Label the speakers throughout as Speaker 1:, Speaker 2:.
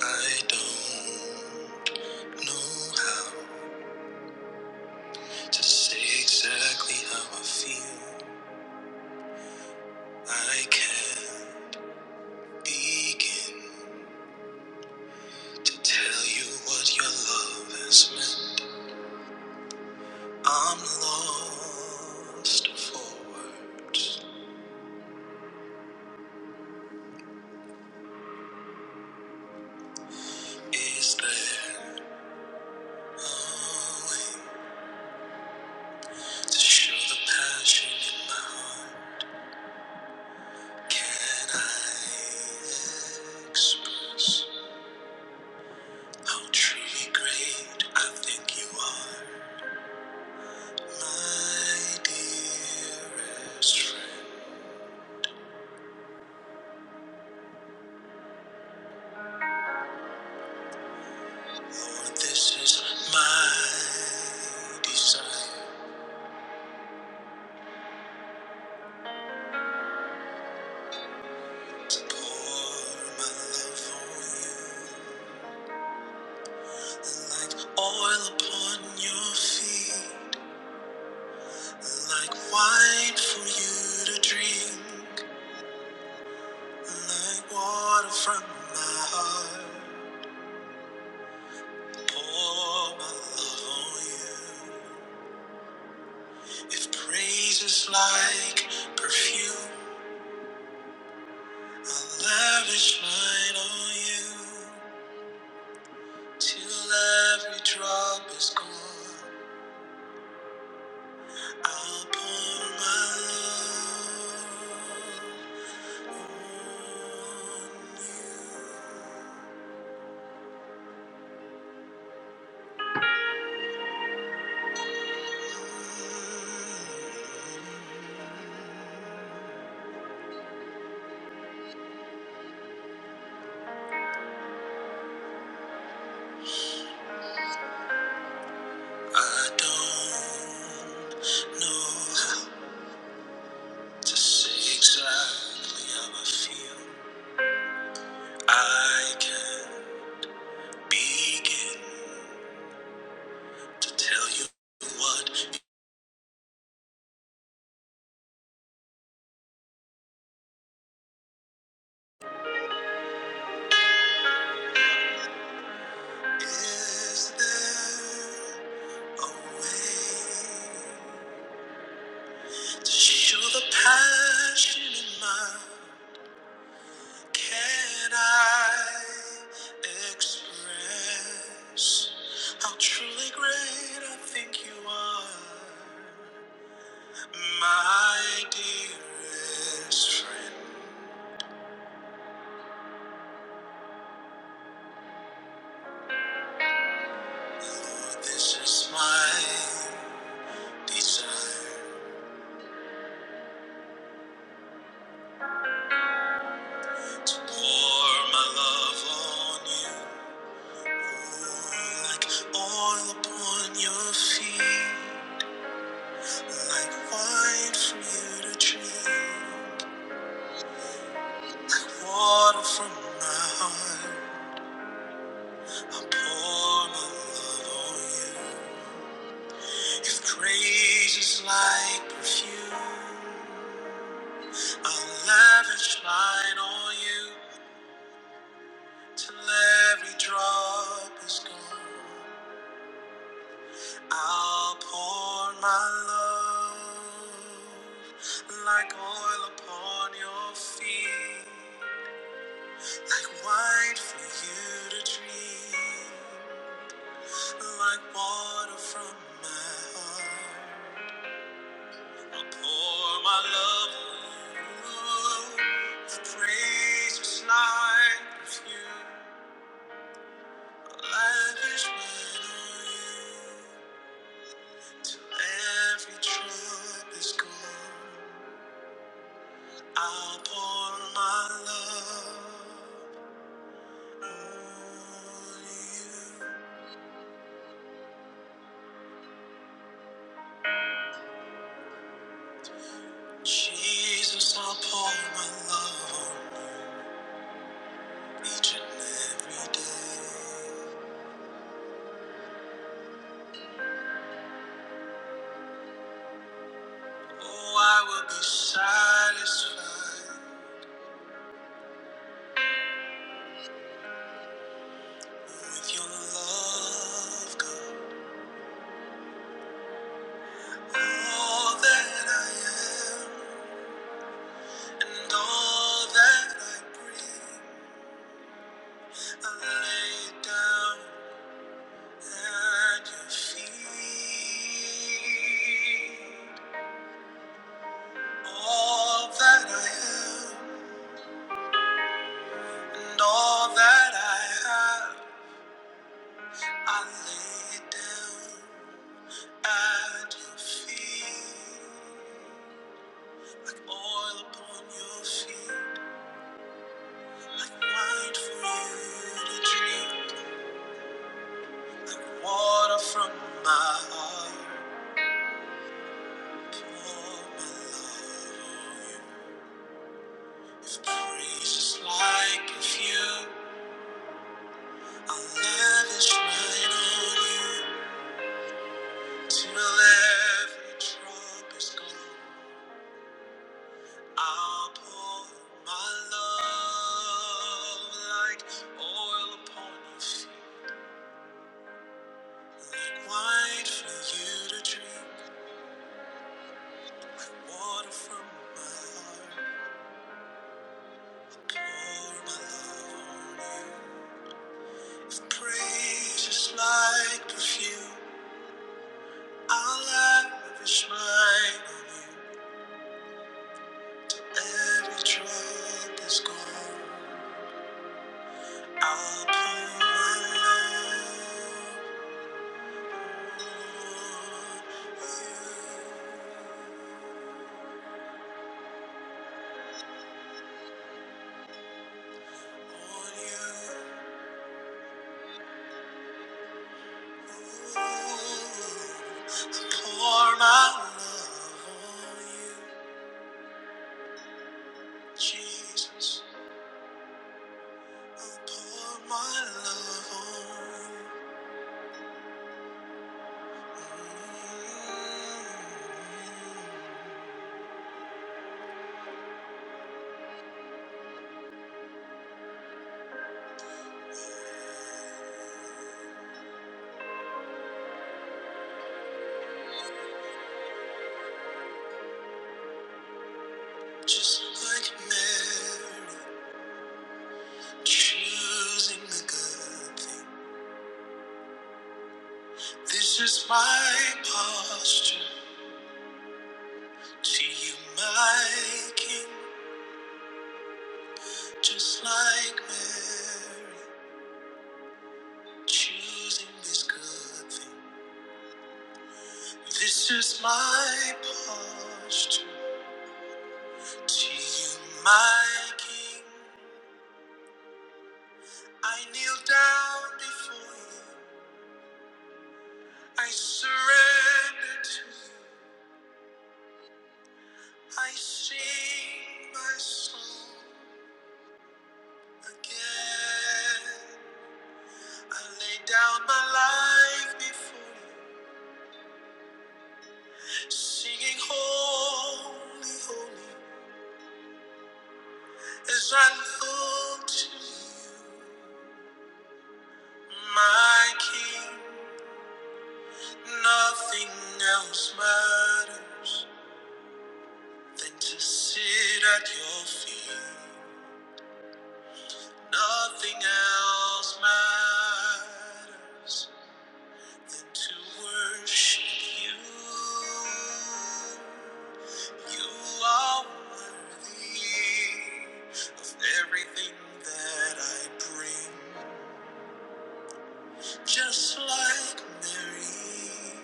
Speaker 1: I don't know how to say exactly how I feel. I can't begin to tell you what your love has meant. I'm lost for words. Is there a way to show the passion in my heart? Can I express how truly great I think you are? My dearest friend, Lord, this is my desire to pour my love on you, like oil upon your feet, like wine for you to drink, like water from my heart. Pour my love on you. If praise is like perfume. I'll lavish mine on you till every drop is gone. I'll pour my love on you. I don't know how to say exactly how I feel. I can begin to tell you what is there a way? To Show the passion in mine. Can I express how truly great I think you are, my dearest friend? Lord, this is my desire to pour my love on you, like oil upon your feet. Like wine for you to drink, like water from my heart, I will pour my love on you. If praise is like perfume, I'll lavish mine on you till every drop is gone. I'll pour my love like oil upon your feet. Like wine for you to drink, like water from my heart. I'll pour my love on you. With praise is like perfume, lavish when on you. Till every drop is gone, I'll pour my love on you. Jesus, I'll pour my love on you. each and every day. Oh, I will be satisfied with your love, God. All that I am and all that I bring, I lay it down at your feet. All that I am and all that I have, I lay it down. At your feet, like oil upon your feet, like wine for you to drink, like water from my heart. Pour my love on you. If praise is like a few, I'll lavish mine on you till every drop is gone. I'll pour my love like oil upon your feet. Wine for you to drink, like water from my heart. I pour my love on you. With Praise is like perfume. I'll lavish mine on you. Every drop is gone. I'll pour my love on you. On you. Ooh. I pour my love on you, Jesus. Just like Mary, choosing the good thing. This is my posture to you, my King. Just like Mary, choosing this good thing. This is my posture to you, my King. I kneel down before you. I surrender to you. I sing my soul again. I lay down my life before you, singing holy, holy. As I look to you, my King, nothing else matters than to sit at your feet. Nothing else matters. to worship you. You are worthy of everything that I bring, just like Mary.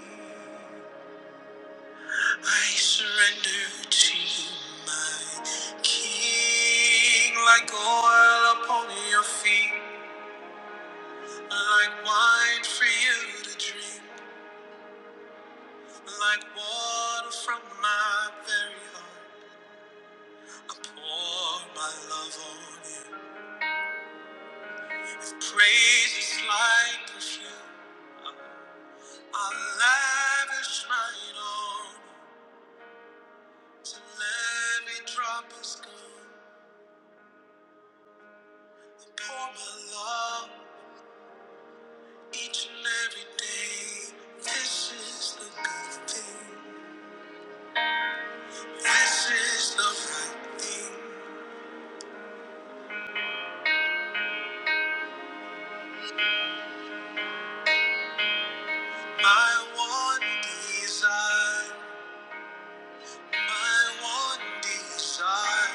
Speaker 1: I surrender to you, my King, like oil upon your feet, like wine for you to drink, like water from my very heart. I'll pour my love on you. With praises like perfume, I'll lavish mine on you. So every drop is gone. I pour my love each and every day. This is the good thing. This is the right thing. My one desire, my one desire.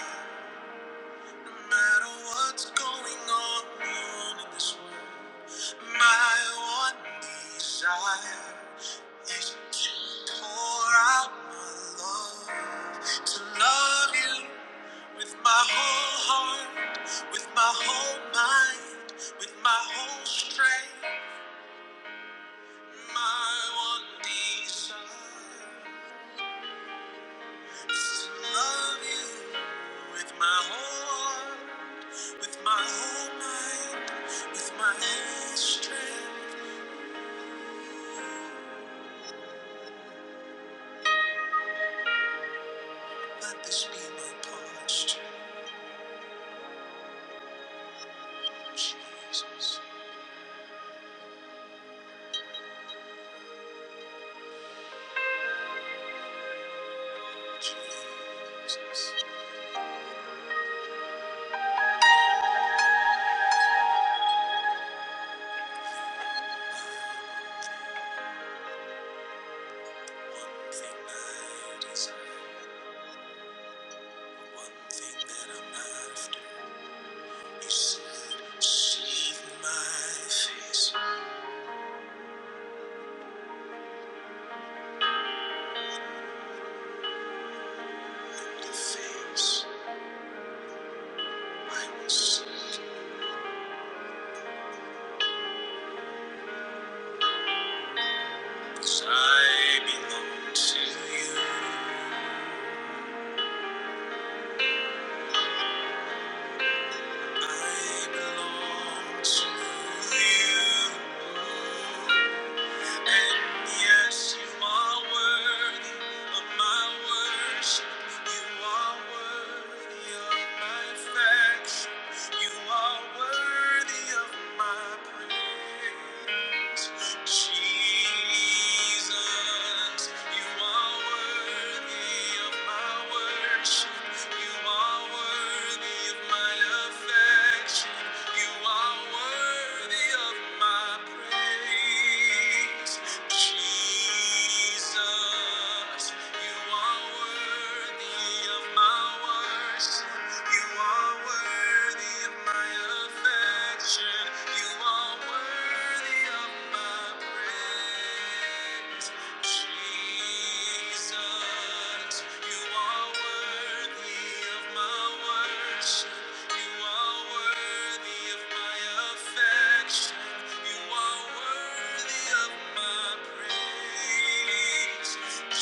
Speaker 1: No matter what's going on in this My one desire is to pour out my love, to love you with my whole heart, with my whole mind, with my whole strength. My one desire is to love you with my whole heart, with my whole mind, with my whole strength. Let this be my posture. Jesus, Jesus. One thing I desire, one thing that I'm after. You said, "See my face, and the face I will see." 'Cause I belong to you. I belong to you. And yes, you are worthy of my worship. You are worthy of my affection. You are worthy of my praise. Jesus, you are worthy of my worship. You are worthy of my affection. You are worthy of my praise. Jesus, you are worthy of my worship. You are worthy of my affection. You are worthy of my praise. Jesus, you are worthy of my worship. You are worthy of my affection. You are worthy of my praise. You are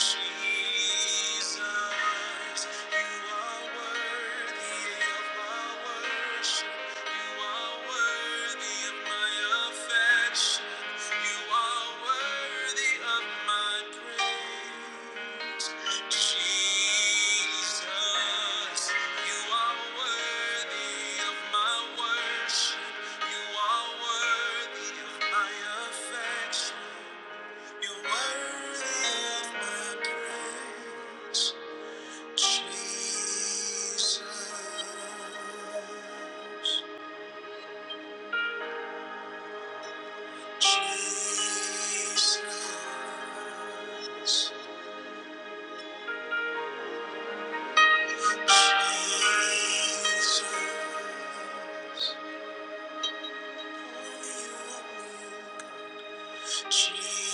Speaker 1: worthy of my affection. You're worthy of my praise, Jesus. Jesus. Jesus. Jesus.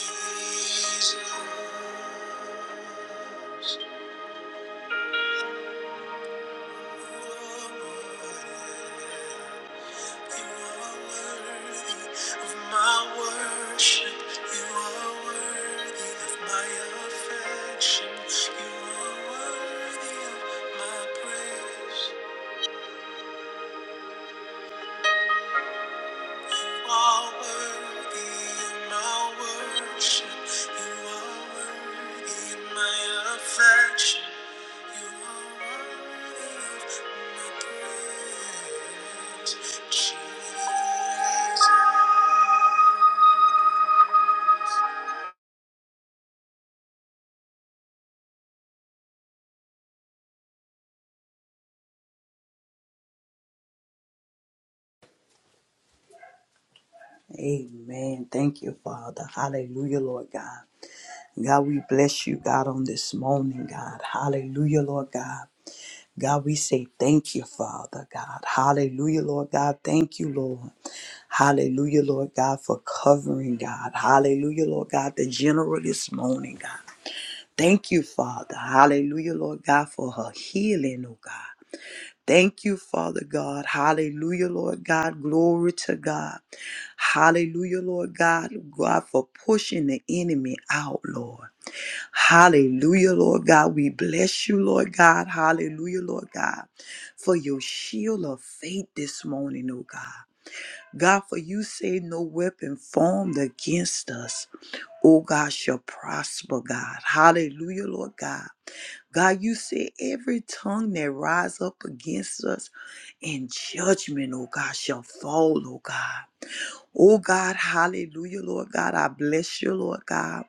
Speaker 1: You are worthy of my worship. You are worthy of my affection. You are worthy of my praise. You are worthy of my worship. You are worthy of my affection. You are worthy of my praise. Jesus.
Speaker 2: Amen. Thank you, Father. Hallelujah, Lord God. God, we bless you, God, on this morning, God. Hallelujah, Lord God. God, we say thank you, Father God. Hallelujah, Lord God. Thank you, Lord. Hallelujah, Lord God, for covering, God. Hallelujah, Lord God, the general this morning, God. Thank you, Father. Hallelujah, Lord God, for her healing, oh God. Thank you, Father God. Hallelujah, Lord God. Glory to God. Hallelujah, Lord God. God, for pushing the enemy out, Lord. Hallelujah, Lord God. We bless you, Lord God. Hallelujah, Lord God, for your shield of faith this morning, oh God. God, for you say no weapon formed against us, oh God, shall prosper, God. Hallelujah, Lord God. God, you said every tongue that rise up against us in judgment, oh God, shall fall, oh God. Oh God, hallelujah, Lord God. I bless you, Lord God.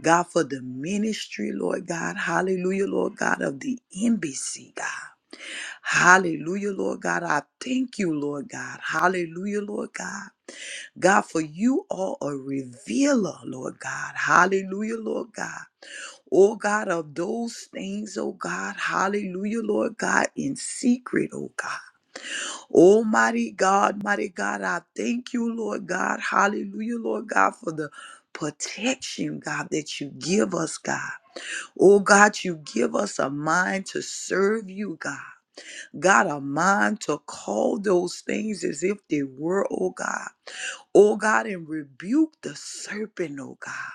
Speaker 2: God, for the ministry, Lord God. Hallelujah, Lord God, of the embassy, God. Hallelujah, Lord God. I thank you, Lord God. Hallelujah, Lord God. God, for you are a revealer, Lord God. Hallelujah, Lord God oh God, of those things, oh God, hallelujah, Lord God, in secret, oh God. Almighty God, mighty God, I thank you, Lord God, hallelujah, Lord God, for the protection, God, that you give us, God. Oh God, you give us a mind to serve you, God. God, a mind to call those things as if they were, oh God. Oh God, and rebuke the serpent, oh God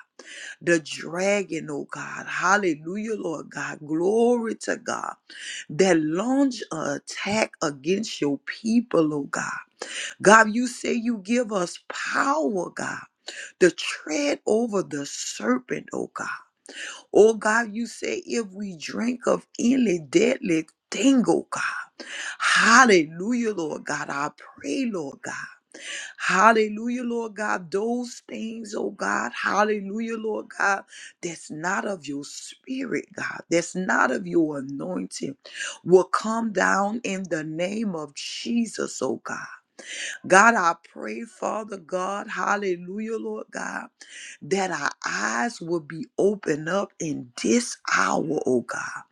Speaker 2: the dragon, oh God. Hallelujah, Lord God. Glory to God. That launch an attack against your people, oh God. God, you say you give us power, God, to tread over the serpent, oh God. Oh God, you say if we drink of any deadly thing, oh God. Hallelujah, Lord God. I pray, Lord God. Hallelujah, Lord God. Those things, oh God, hallelujah, Lord God, that's not of your spirit, God, that's not of your anointing, will come down in the name of Jesus, oh God. God, I pray, Father God, hallelujah, Lord God, that our eyes will be opened up in this hour, oh God,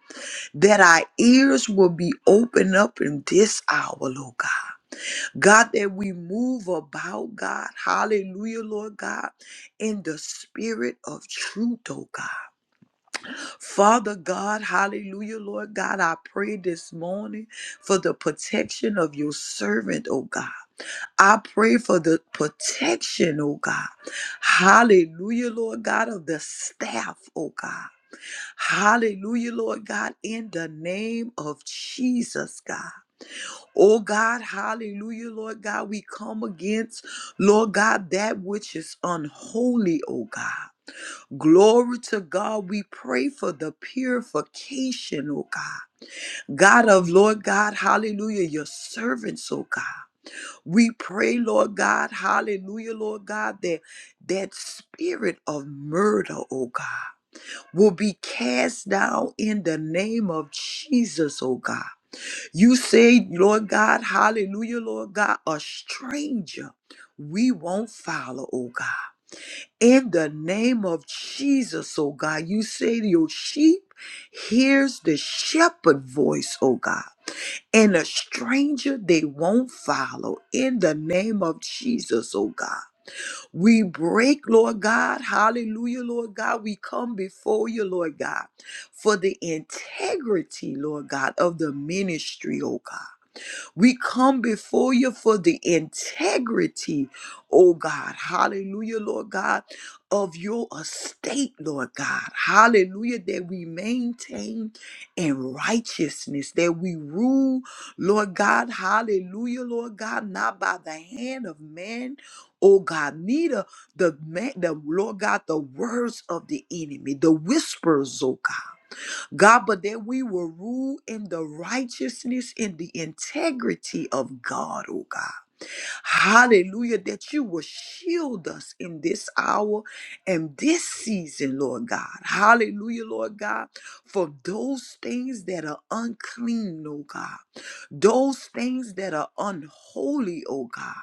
Speaker 2: that our ears will be opened up in this hour, Lord God. God, that we move about, God, hallelujah, Lord God, in the spirit of truth, oh God. Father God, hallelujah, Lord God, I pray this morning for the protection of your servant, oh God. I pray for the protection, oh God. Hallelujah, Lord God, of the staff, oh God. Hallelujah, Lord God, in the name of Jesus, God. Oh God, hallelujah, Lord God, we come against, Lord God, that which is unholy, oh God. Glory to God. We pray for the purification, oh God. God of Lord God, hallelujah, your servants, oh God. We pray, Lord God, hallelujah, Lord God, that that spirit of murder, oh God, will be cast down in the name of Jesus, oh God. You say, Lord God, hallelujah, Lord God, a stranger we won't follow, oh God. In the name of Jesus, oh God, you say your sheep hears the shepherd voice, oh God and a stranger they won't follow in the name of Jesus, oh God. We break, Lord God, hallelujah, Lord God. We come before you, Lord God, for the integrity, Lord God, of the ministry, oh God. We come before you for the integrity, oh God. Hallelujah, Lord God, of your estate, Lord God. Hallelujah, that we maintain in righteousness, that we rule, Lord God. Hallelujah, Lord God, not by the hand of man. Oh God, neither the man, the Lord God, the words of the enemy, the whispers, oh God. God, but that we will rule in the righteousness, in the integrity of God, oh God. Hallelujah, that you will shield us in this hour and this season, Lord God. Hallelujah, Lord God, for those things that are unclean, oh God. Those things that are unholy, oh God.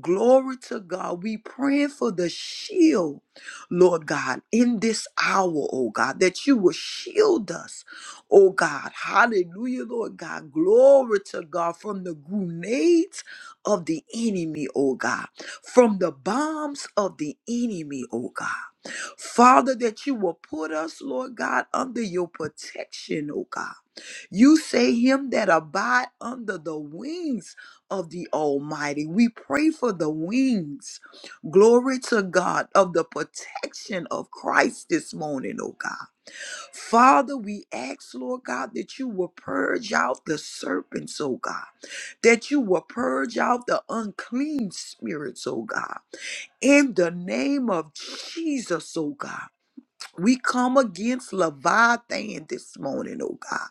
Speaker 2: Glory to God. We praying for the shield, Lord God, in this hour, oh God, that you will shield us, oh God. Hallelujah, Lord God. Glory to God from the grenades of the enemy, oh God, from the bombs of the enemy, oh God. Father, that you will put us, Lord God, under your protection, oh God. You say him that abide under the wings of the Almighty. We pray for the wings. Glory to God of the protection of Christ this morning, oh God. Father, we ask, Lord God, that you will purge out the serpents, oh God, that you will purge out the unclean spirits, oh God. In the name of Jesus, oh God, we come against Leviathan this morning, oh God.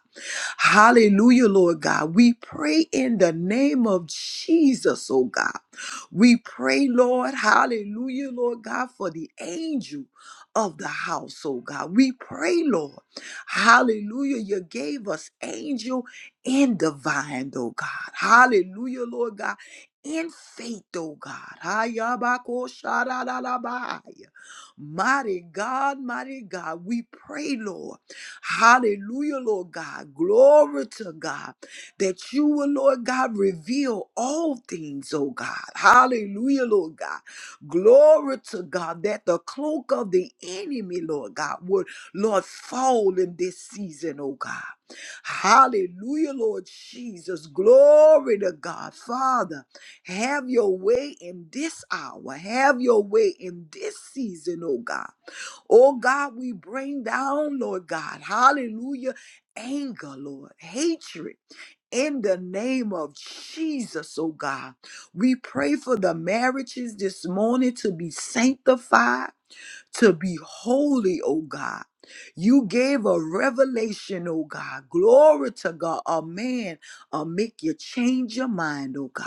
Speaker 2: Hallelujah, Lord God. We pray in the name of Jesus, oh God. We pray, Lord, hallelujah, Lord God, for the angel of the house, oh God. We pray, Lord, hallelujah, you gave us angel and divine, oh God. Hallelujah, Lord God. In faith, oh God. Hayabako Mighty God, mighty God, we pray, Lord. Hallelujah, Lord God. Glory to God that you will, Lord God, reveal all things, oh God. Hallelujah, Lord God. Glory to God that the cloak of the enemy, Lord God, would, Lord, fall in this season, oh God. Hallelujah, Lord Jesus. Glory to God. Father, have your way in this hour. Have your way in this season, oh God. Oh God, we bring down, Lord God, hallelujah, anger, Lord, hatred. In the name of Jesus, oh God, we pray for the marriages this morning to be sanctified, to be holy, oh God. You gave a revelation, oh God. Glory to God. A man, uh, make you change your mind, oh God.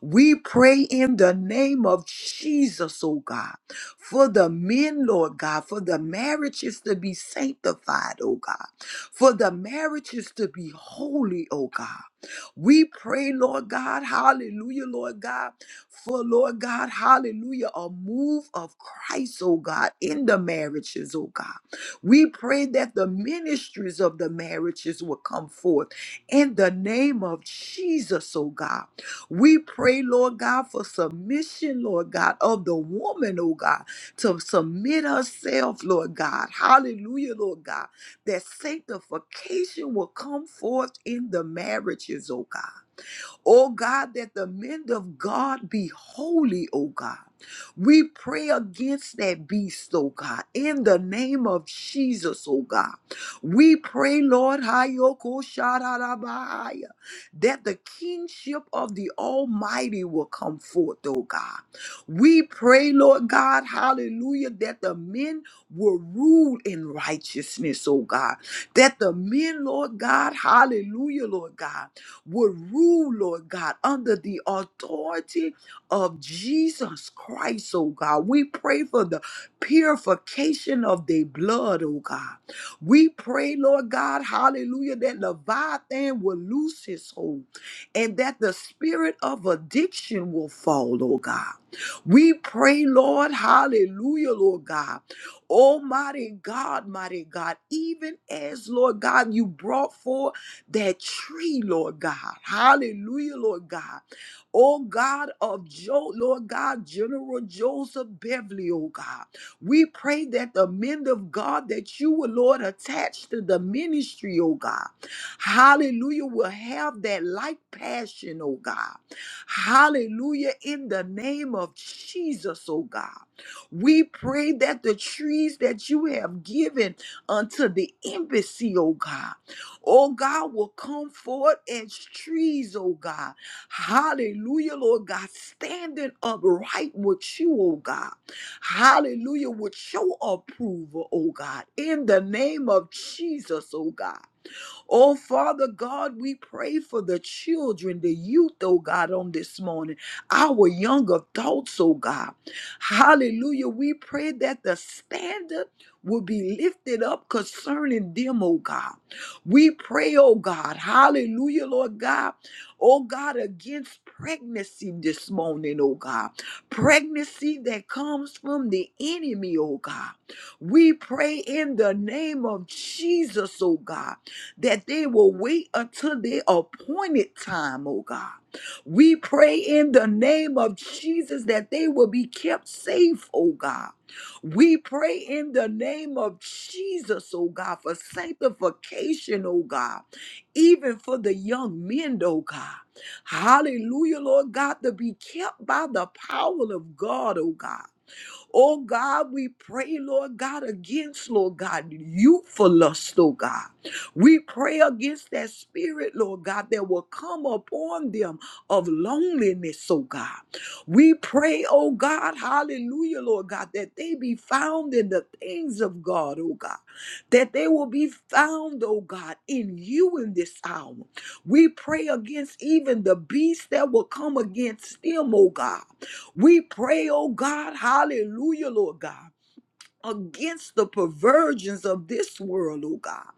Speaker 2: We pray in the name of Jesus, oh God, for the men, Lord God, for the marriages to be sanctified, oh God, for the marriages to be holy, oh God. We pray, Lord God, hallelujah, Lord God, for Lord God, hallelujah, a move of Christ, oh God, in the marriages, oh God. We pray that the ministries of the marriages will come forth in the name of Jesus, oh God. We pray, Lord God, for submission, Lord God, of the woman, oh God, to submit herself, Lord God. Hallelujah, Lord God, that sanctification will come forth in the marriages, oh God. Oh God, that the men of God be holy, oh God. We pray against that beast, oh God, in the name of Jesus, oh God. We pray, Lord, Hayoko Shararabahaya, that the kingship of the Almighty will come forth, oh God. We pray, Lord God, hallelujah, that the men will rule in righteousness, oh God. That the men, Lord God, hallelujah, Lord God would rule, Lord God, under the authority of Jesus Christ, oh God. We pray for the purification of their blood, oh God. We pray, Lord God, hallelujah, that Leviathan will loose his hold and that the spirit of addiction will fall, oh God. We pray, Lord, hallelujah, Lord God. Almighty God, mighty God, even as, Lord God, you brought forth that tree, Lord God. Hallelujah, Lord God. Oh God of Joe, Lord God, General Joseph Beverly, oh God. We pray that the men of God that you will, Lord, attach to the ministry, oh God. Hallelujah, will have that like passion, oh God. Hallelujah, in the name of Jesus, oh God. We pray that the trees that you have given unto the embassy, oh God oh God, will come forth as trees, oh God. Hallelujah, Lord God, standing upright with you, oh God. Hallelujah, with your approval, oh God, in the name of Jesus, oh God. Oh, Father God, we pray for the children, the youth, oh God, on this morning, our young adults, oh God. Hallelujah. We pray that the standard will be lifted up concerning them, oh God. We pray, oh God, hallelujah, Lord God, oh God, against pregnancy this morning, oh God. Pregnancy that comes from the enemy, oh God. We pray in the name of Jesus, oh God that they will wait until their appointed time, oh God. We pray in the name of Jesus that they will be kept safe, oh God. We pray in the name of Jesus, oh God, for sanctification, oh God, even for the young men, oh God. Hallelujah, Lord God, to be kept by the power of God, oh God. Oh God, we pray, Lord God, against, Lord God, youthful lust, oh God. We pray against that spirit, Lord God, that will come upon them of loneliness, oh God. We pray, oh God, hallelujah, Lord God, that they be found in the things of God, oh God, that they will be found, oh God, in you in this hour. We pray against even the beast that will come against them, oh God. We pray, oh God, hallelujah, Lord God, against the perversions of this world, oh God,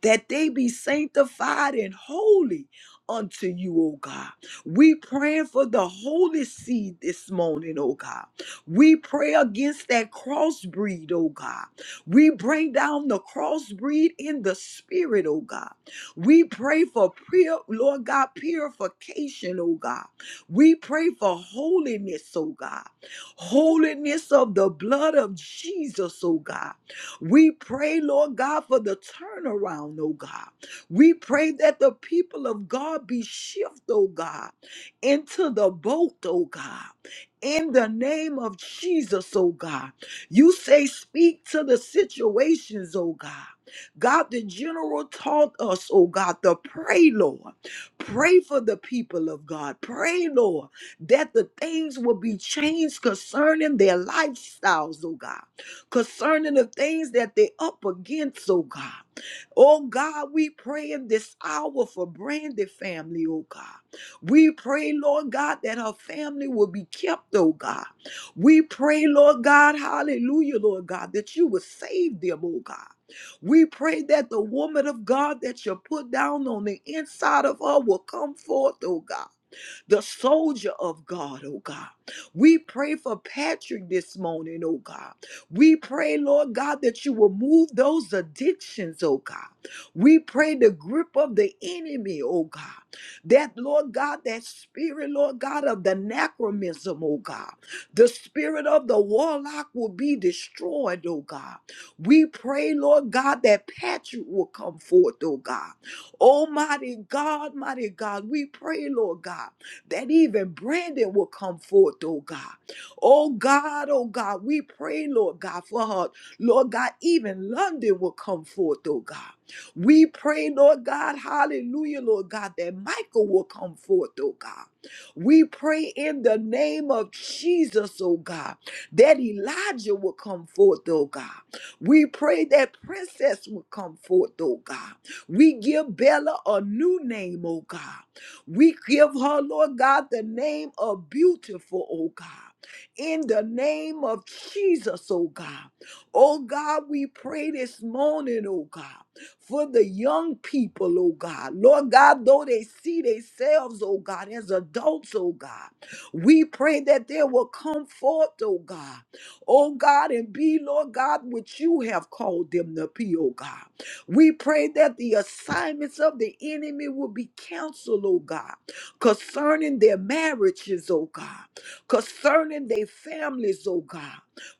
Speaker 2: that they be sanctified and holy unto you, oh God. We praying for the holy seed this morning, oh God. We pray against that crossbreed, oh God. We bring down the crossbreed in the spirit, oh God. We pray for pure, Lord God, purification, oh God. We pray for holiness, oh God holiness of the blood of Jesus, oh God. We pray, Lord God, for the turnaround, oh God. We pray that the people of God be shifted, oh God, into the boat, oh God. In the name of Jesus, oh God. You say, speak to the situations, oh God. God, the general taught us, oh God, to pray, Lord. Pray for the people of God. Pray, Lord that the things will be changed concerning their lifestyles, oh God, concerning the things that they're up against, oh God. Oh God, we pray in this hour for Brandy family, oh God. We pray, Lord God, that her family will be kept, oh God. We pray, Lord God, hallelujah, Lord God, that you will save them, oh God. We pray that the woman of God that you put down on the inside of her will come forth, oh God the soldier of God, oh God. We pray for Patrick this morning, oh God. We pray, Lord God, that you will move those addictions, oh God. We pray the grip of the enemy, oh God. That, Lord God, that spirit, Lord God, of the anachronism, oh God. The spirit of the warlock will be destroyed, oh God. We pray, Lord God, that Patrick will come forth, oh God. Almighty God, mighty God, we pray, Lord God that even Brandon will come forth, oh God. Oh God, oh God, we pray, Lord God, for her. Lord God, even London will come forth, oh God. We pray, Lord God, hallelujah, Lord God, that Michael will come forth, oh God. We pray in the name of Jesus, oh God, that Elijah will come forth, oh God. We pray that Princess will come forth, oh God. We give Bella a new name, oh God. We give her, Lord God, the name of beautiful, oh God. In the name of Jesus, oh God. Oh God, we pray this morning, oh God, for the young people, oh God. Lord God, though they see themselves, oh God, as adults, oh God, we pray that they will come forth, oh God. Oh God, and be, Lord God, what you have called them to be, oh God. We pray that the assignments of the enemy will be canceled, oh God, concerning their marriages, oh God, concerning their families, oh God,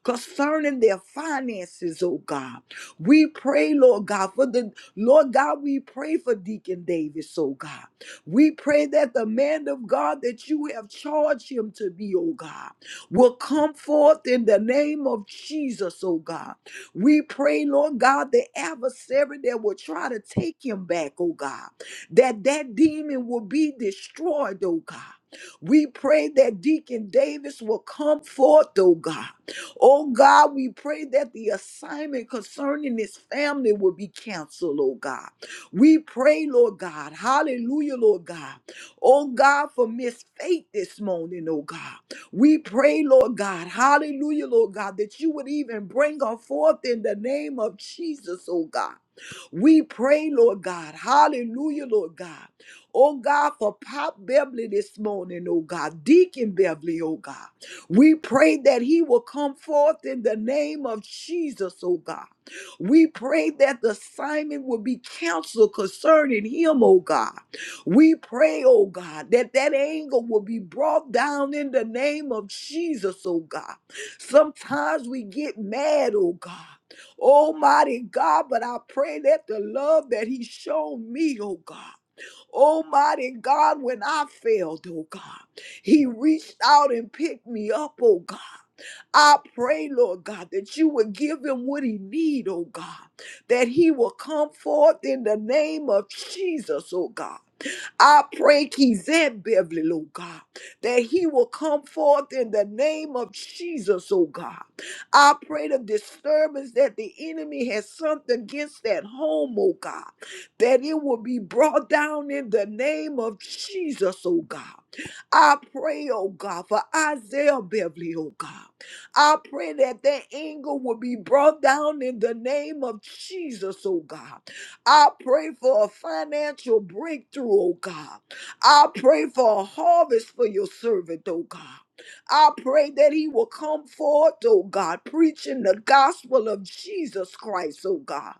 Speaker 2: concerning their finances, oh God. We pray, Lord God, for the Lord God, we pray for Deacon Davis, oh God. We pray that the man of God that you have charged him to be, oh God, will come forth in the name of Jesus, oh God we pray, Lord God, the adversary that will try to take him back, oh God, that that demon will be destroyed, oh God. We pray that Deacon Davis will come forth, oh God. Oh God, we pray that the assignment concerning his family will be canceled, oh God. We pray, Lord God. Hallelujah, Lord God. Oh God, for Miss Faith this morning, oh God. We pray, Lord God, hallelujah, Lord God, that you would even bring her forth in the name of Jesus, oh God. We pray, Lord God, hallelujah, Lord God. Oh God, for Pop Beverly this morning, oh God, Deacon Beverly, oh God. We pray that he will come forth in the name of Jesus, oh God. We pray that the Simon will be counseled concerning him, oh God. We pray, oh God, that that anger will be brought down in the name of Jesus, oh God. Sometimes we get mad, oh God. Almighty God, but I pray that the love that He showed me, oh God. Almighty God, when I failed, oh God, He reached out and picked me up, oh God. I pray, Lord God, that you would give him what he need, oh God, that he will come forth in the name of Jesus, oh God I pray Kizan Beverly, Lord God, that he will come forth in the name of Jesus, oh God. I pray the disturbance that the enemy has sent against that home, oh God, that it will be brought down in the name of Jesus, oh God. I pray, oh God, for Isaiah Beverly, oh God. I pray that that anger will be brought down in the name of Jesus, oh God. I pray for a financial breakthrough, oh God. I pray for a harvest for your servant, oh God. I pray that he will come forth, oh God, preaching the gospel of Jesus Christ, oh God.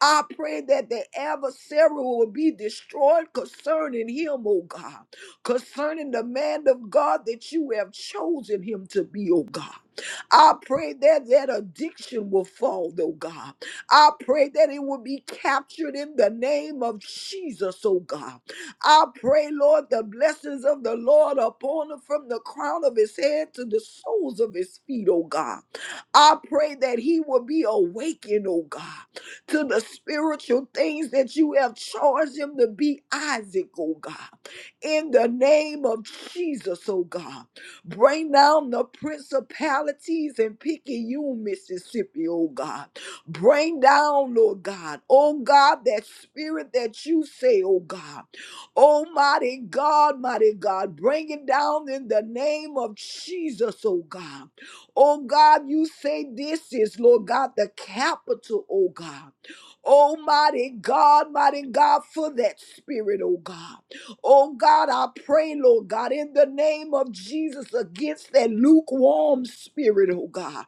Speaker 2: I pray that the adversary will be destroyed concerning him, oh God, concerning the man of God that you have chosen him to be, oh God. I pray that that addiction will fall, oh God. I pray that it will be captured in the name of Jesus, oh God. I pray, Lord, the blessings of the Lord upon him from the crown of his head to the soles of his feet, oh God. I pray that he will be awakened, oh God, to the spiritual things that you have charged him to be Isaac, oh God. In the name of Jesus, oh God. Bring down the principalities in Picayune, Mississippi, oh God Bring down, Lord God, oh God, that spirit that you say, oh God. Almighty God, mighty God, bring it down in the name of Jesus, oh God. Oh God, you say this is, Lord God, the capital, oh God. Almighty God, mighty God, for that spirit, oh God. Oh God, I pray, Lord God, in the name of Jesus, against that lukewarm spirit, oh God.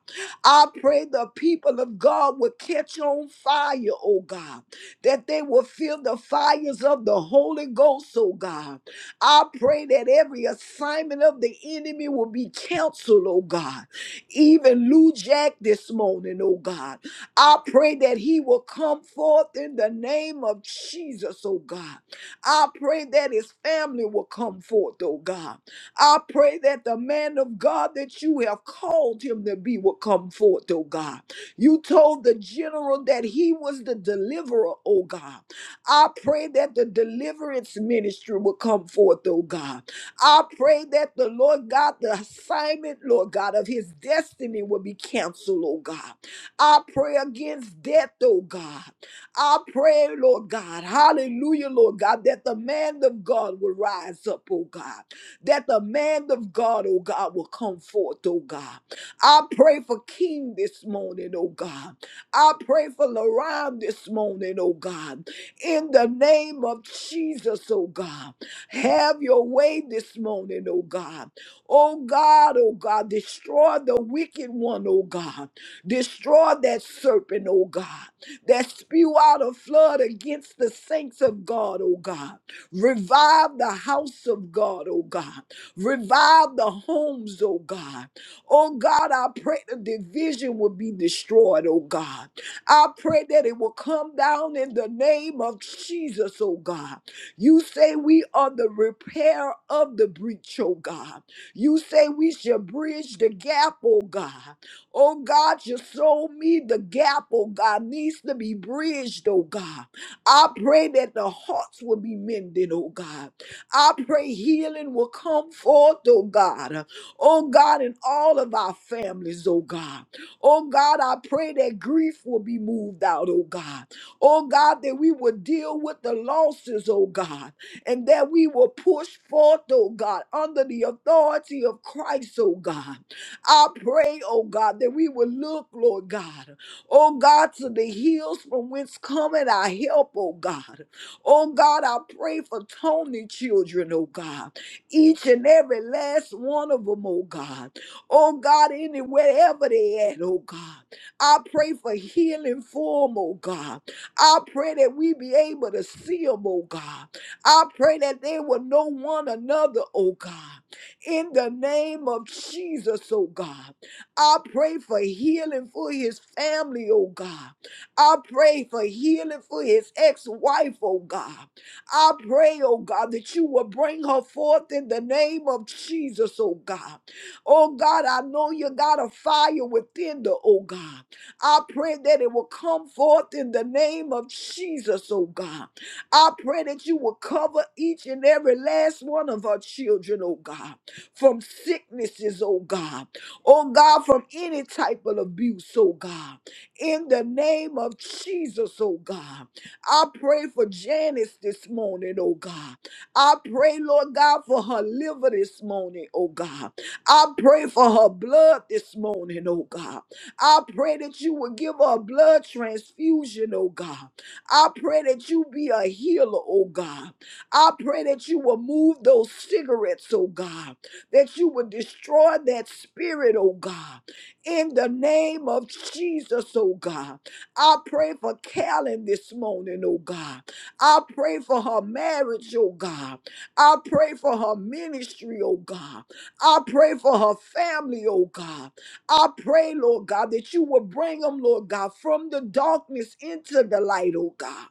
Speaker 2: I pray the people of God will catch on fire, oh God, that they will feel the fires of the Holy Ghost, oh God. I pray that every assignment of the enemy will be canceled, oh God. Even Lou Jack this morning, oh God. I pray that he will come forth in the name of Jesus, oh God. I pray that his family will come forth, oh God. I pray that the man of God that you have called him to be will come forth, oh God. You told the general that he was the deliverer, oh God. I pray that the deliverance ministry will come forth, oh God. I pray that the Lord God, the assignment, Lord God, of his destiny will be canceled, oh God. I pray against death, oh God. I pray, Lord God, hallelujah, Lord God, that the man of God will rise up, oh God that the man of God, oh God, will come forth, oh God. I pray for King this morning, oh God. I pray for Laron this morning, oh God. In the name of Jesus, oh God. Have your way this morning, oh God. Oh God, oh God, destroy the wicked one, oh God. Destroy that serpent, oh God, that spew out a flood against the saints of God, oh God. Revive the house of God, oh God. Revive the homes, oh God. Oh God, I pray the division will be destroyed, oh God. I pray that it will come down in the name of Jesus, oh God. You say we are the repair of the breach, oh God. You say we shall bridge the gap, oh God. Oh God, you showed me the gap, oh God, needs to be bridged, oh God. I pray that the hearts will be mended, oh God. I pray healing will come forth, oh God. Oh God, in all of our families, oh God. Oh God, I pray that grief will be moved out, oh God. Oh God, that we will deal with the losses, oh God, and that we will push forth, oh God, under the authority of Christ, oh God. I pray, oh God, that we will look, Lord God. Oh God, to the hills from whence cometh our help, oh God. Oh God, I pray for Tony children, oh God. Each and every last one of them, oh God. Oh God, anywhere ever they at, oh God. I pray for healing for them, oh God. I pray that we be able to see them, oh God. I pray that they will know one another, oh God. In the name of Jesus, oh God. I pray for healing for his family, oh God. I pray for healing for his ex wife, oh God. I pray, oh God, that you will bring her forth in the name of Jesus, oh God. Oh God, I know you got a fire within the, oh God. I pray that it will come forth in the name of Jesus, oh God. I pray that you will cover each and every last one of our children, oh God, from sicknesses, oh God oh God, from any type of abuse, oh God. In the name of Jesus, oh God. I pray for Janice this morning, oh God. I pray, Lord God, for her liver this morning, oh God. I pray for her blood this morning, oh God. I pray that you would give her a blood transfusion, oh God. I pray that you be a healer, oh God. I pray that you will move those cigarettes, oh God that you would destroy that spirit, oh God. In the name of Jesus, oh God. I pray for Callan this morning, oh God. I pray for her marriage, oh God. I pray for her ministry, oh God. I pray for her family, oh God. I pray, Lord God, that you will bring them, Lord God, from the darkness into the light, oh God.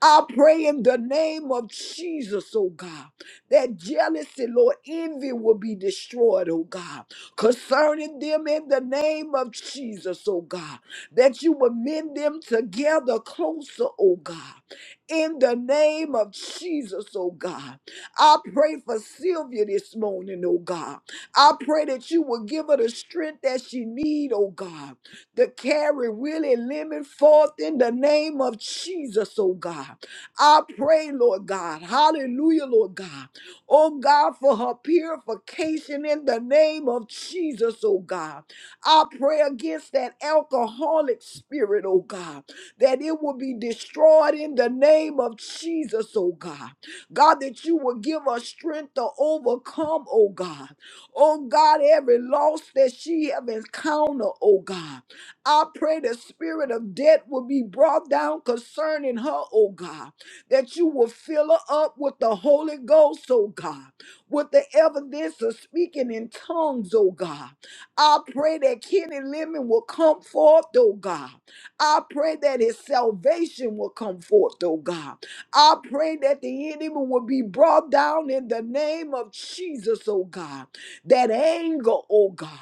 Speaker 2: I pray in the name of Jesus, oh God. That jealousy, Lord, envy will be destroyed, oh God. Concerning them in the name of Jesus, oh God. That you will mend them together closer, oh God. In the name of Jesus, oh God. I pray for Sylvia this morning, oh God. I pray that you will give her the strength that she need, oh God, to carry Willie Lemon forth in the name of Jesus, oh God. I pray, Lord God, hallelujah, Lord God, oh God, for her purification in the name of Jesus, oh God. I pray against that alcoholic spirit, oh God, that it will be destroyed in the name of Jesus, oh God. God, that you will give her strength to overcome, oh God. Oh God, every loss that she have encountered, oh God. I pray the spirit of death will be brought down concerning her, oh God that you will fill her up with the Holy Ghost, oh God, with the evidence of speaking in tongues, oh God. I pray that Kenny Lemon will come forth, oh God. I pray that his salvation will come forth, oh God. I pray that the enemy will be brought down in the name of Jesus, oh God. That anger, oh God,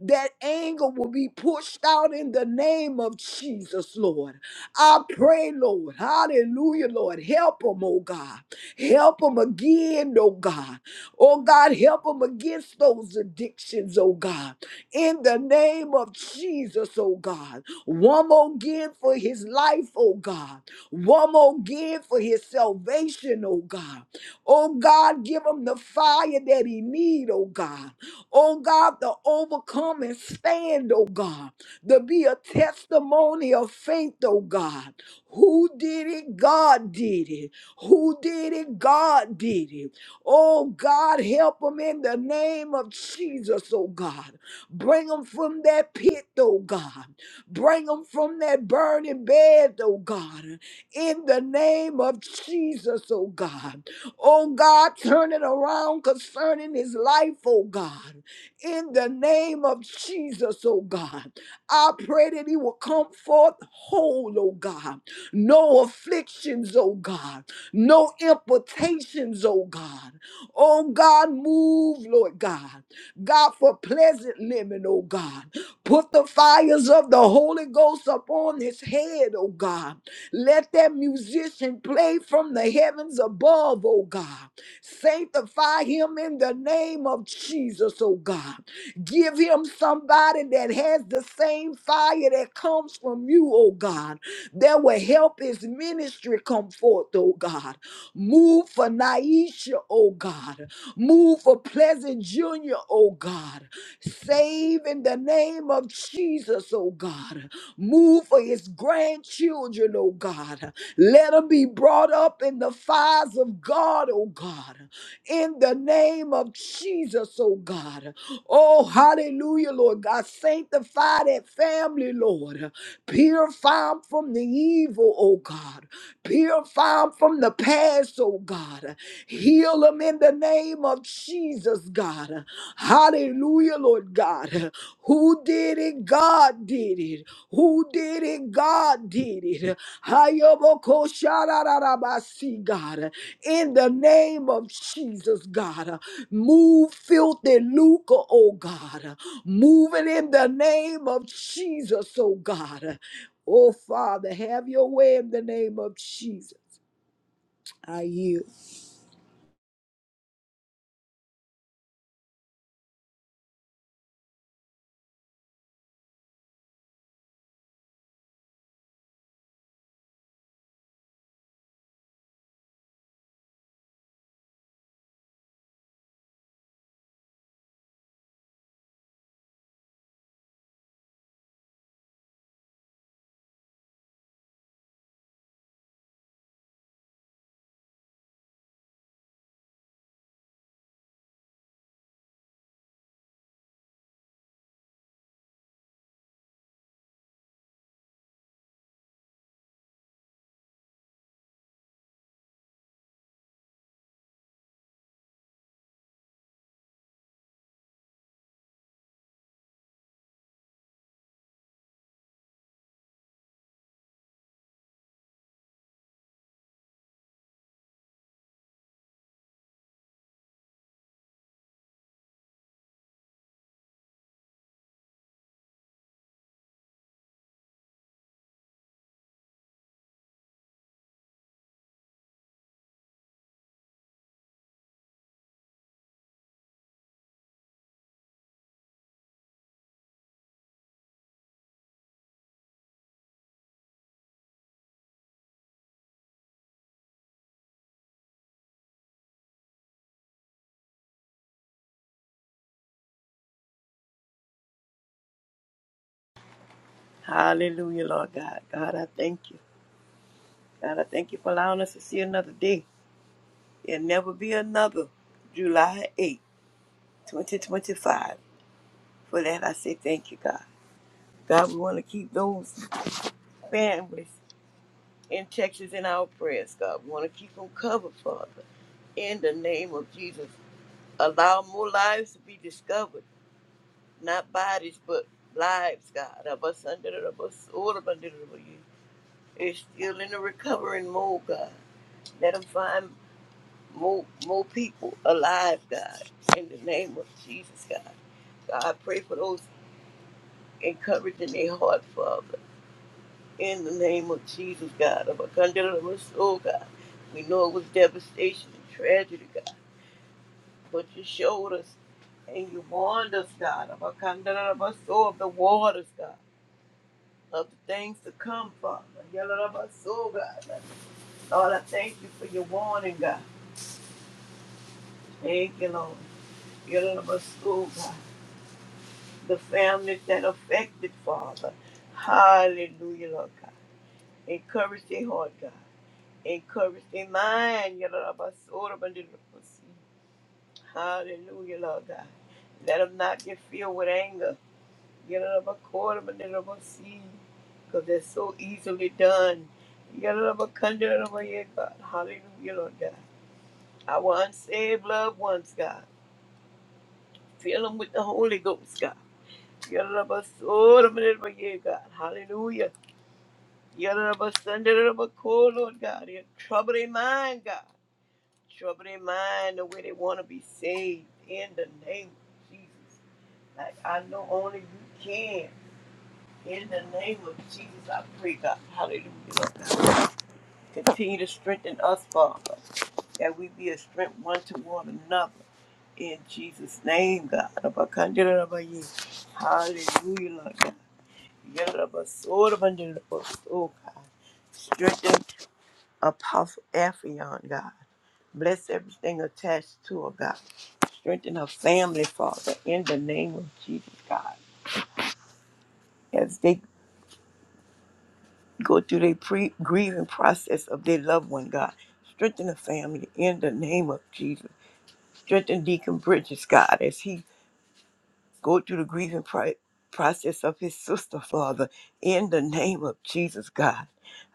Speaker 2: that anger will be pushed out in the name of Jesus, Lord. I pray, Lord, hallelujah, Lord, help them, oh God. Help them again, oh God. Oh God, help them against those addictions, oh God. In the name of Jesus, oh God. One more again for his life, oh God. One more again for his salvation, oh God. Oh God, give him the fire that he need, oh God. Oh God, to overcome and stand, oh God to be a testimony of faith, oh God. Who did it? God did it. Who did it? God did it. Oh God, help them in the name of Jesus, oh God. Bring them from that pit, oh God. Bring them from that burning bed, oh God. In the name of Jesus, oh God. Oh God, turn it around concerning his life, oh God. In the name of Jesus, oh God. I pray that he will come forth whole, oh God. No afflictions, oh God. No implications, oh God. Oh God, move, Lord God. God, for pleasant living, oh God. Put the fires of the Holy Ghost upon his head, oh God. Let that musician play from the heavens above, oh God. Sanctify him in the name of Jesus, oh God. Give him somebody that has the same fire that comes from you, oh God that will help his ministry come forth, oh God. Move for Naisha, oh God. Move for Pleasant Jr., oh God. Save in the name of Jesus, oh God. Move for his grandchildren, oh God. Let them be brought up in the fires of God, oh God. In the name of Jesus, oh God. Oh, hallelujah, Lord God. Sanctify that family, Lord. Purify Purify them from the evil, oh God. Purify them from the past, oh God. Heal them in the name of Jesus, God. Hallelujah, Lord God. Who did it? God did it. Who did it? God did it. Hayoboko sharararabasi, God. In the name of Jesus, God. Move filthy Luca, oh God. Move it in the name of Jesus, oh God. Oh, Father, have your way in the name of Jesus. I yield.
Speaker 3: Hallelujah, Lord God. God, I thank you. God, I thank you for allowing us to see another day. There'll never be another July eighth, twenty 2025. For that, I say thank you, God. God, we want to keep those families in Texas in our prayers, God. We want to keep them covered, Father. In the name of Jesus, allow more lives to be discovered, not bodies, but lives, God. Of us under the of us all of us under the bus. It's still in the recovering mode, God. Let them find more more people alive, God, in the name of Jesus, God. God, I pray for those encouraging their heart, Father, in the name of Jesus, God, of a condemned soul, God. We know it was devastation and tragedy, God, but you showed us and you warned us, God, of a condemned soul, of the waters, God, of the things to come, Father. Yellow of our soul, God. Lord, I thank you for your warning, God. Thank you, Lord. Yellow of our soul, God. the families that affected, Father. Hallelujah, Lord God. Encourage their heart, God. Encourage their mind. Yadadabasorabandidabasi. Hallelujah, Lord God. Let them not get filled with anger. Because they're so easily done. Yadadabakandadabaya, God. Hallelujah, Lord God. Our unsaved loved ones, God. Fill them with the Holy Ghost, God. Yadadabasorabandidabaya, God. Hallelujah. Yoruba, Sunday, call, Lord God. Yeah, Trouble their mind, God. Trouble their mind the way they want to be saved in the name of Jesus. Like I know only you can. In the name of Jesus, I pray, God. Hallelujah. Lord God. Continue to strengthen us, Father, that we be a strength one to one another. In Jesus' name, God. Abakandirabaye. Hallelujah, Lord God. Yoruba, Soda, Bandirabaso, God. Strengthen Apostle Ephion, God. Bless everything attached to her, God. Strengthen her family, Father, in the name of Jesus, God. As they go through their pre- grieving process of their loved one, God. Strengthen the family in the name of Jesus. Strengthen Deacon Bridges, God, as he go through the grieving pri- process of his sister, Father, in the name of Jesus, God.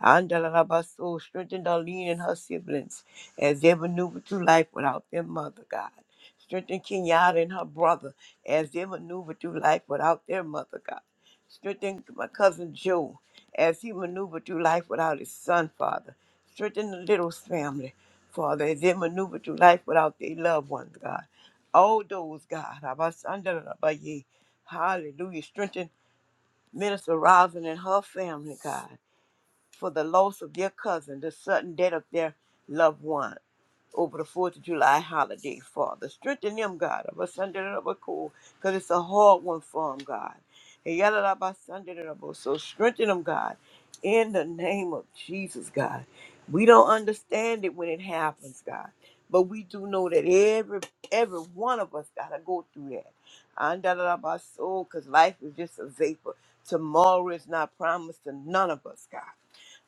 Speaker 3: Andalabaso, strengthen Darlene and her siblings as they maneuver through life without their mother, God. Strengthen Kenyatta and her brother as they maneuver through life without their mother, God. Strengthen my cousin Joe as he maneuvered through life without his son, Father. Strengthen the Littles family, Father, as they maneuver through life without their loved ones, God all those, God. Abasandarabaye. Hallelujah. Strengthen Minister Rosin and her family, God for the loss of their cousin, the sudden death of their loved one over the 4th of July holiday, Father. Strengthen them, God, of a Sunday and of a cool, because it's a hard one for them, God. And yada da ba Sunday da da bo. So strengthen them, God, in the name of Jesus, God. We don't understand it when it happens, God. But we do know that every every one of us gotta go through that. And da da da ba soul, because life is just a vapor. Tomorrow is not promised to none of us, God.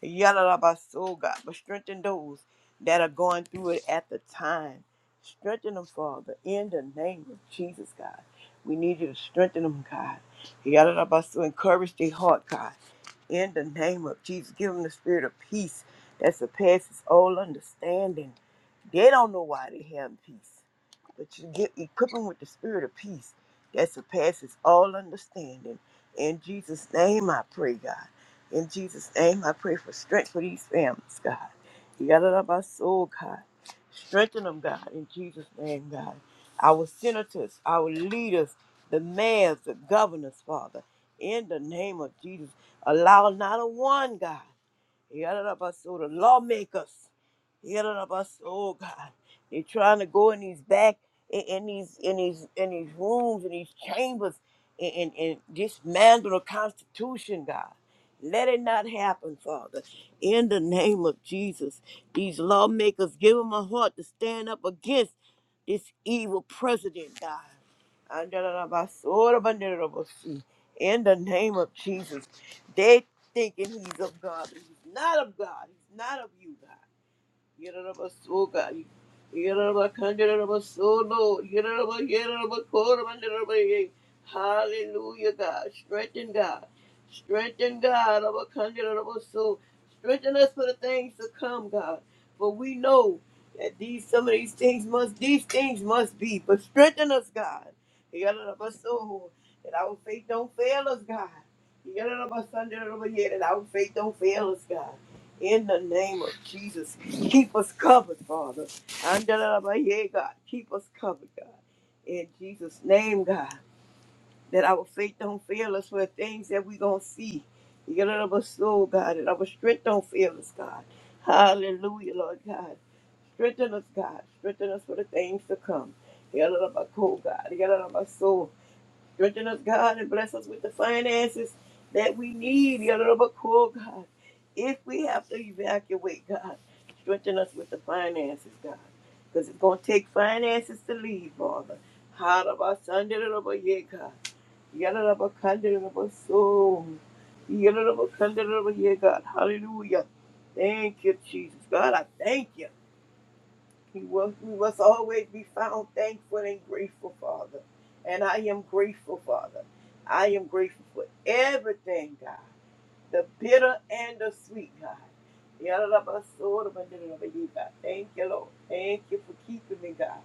Speaker 3: Yalabaso, God, but strengthen those that are going through it at the time. Strengthen them, Father, in the name of Jesus, God. We need you to strengthen them, God. Yalabaso, encourage their heart, God, in the name of Jesus. Give them the spirit of peace that surpasses all understanding. They don't know why they have peace but you get equip them with the spirit of peace that surpasses all understanding. In Jesus' name I pray, God. In Jesus' name I pray for strength for these families, God. You got it up our soul, God. Strengthen them, God, in Jesus' name, God. Our senators, our leaders, the mayors, the governors, Father, in the name of Jesus. Allow not a one, God. Yadadabaso, the lawmakers. Yadadabaso, oh God. They're trying to go in these back in, in these in these in these rooms in these chambers and, and, and dismantle the Constitution, God. Let it not happen, Father. In the name of Jesus, these lawmakers give them a heart to stand up against this evil president, God. Andalabasora banderabasi. In the name of Jesus, thinking he's of God, but he's not of God. He's not of you, God. Yerabasuka, Yerabakanderabasodo, Yeraba, Yerabakorabanderabay. Hallelujah, God. Strengthen God. Strengthen God. Abakanderabaso. Strengthen us for the things to come, God. For we know that these some of these things must these things must be. But strengthen us, God. Yerabaso. That our faith don't fail us, God. Yerabasanderabayeh, That our faith don't fail us, God. In the name of Jesus, keep us covered, Father. Andalabaya, God, keep us covered, God. In Jesus' name, God, that our faith don't fail us for the things that we gonna see. get out of our soul, God, and our strength don't fail us, God. Hallelujah, Lord God. Strengthen us, God. Strengthen us for the things to come. get out of our soul, God. get out of our soul. Strengthen us, God, and bless us with the finances that we need. Yalabako, God. If we have to evacuate, God, strengthen us with the finances, God. Because it's going to take finances to leave, Father. Harabasandalabaye, God. Yalalabakandalabaso. Yalalabakandalabaye, God. Hallelujah. Thank you, Jesus. God, I thank you. He will, we must always be found thankful and grateful, Father. And I am grateful, Father. I am grateful for everything, God. The bitter and the sweet, God. Thank you, Lord. Thank you for keeping me, God.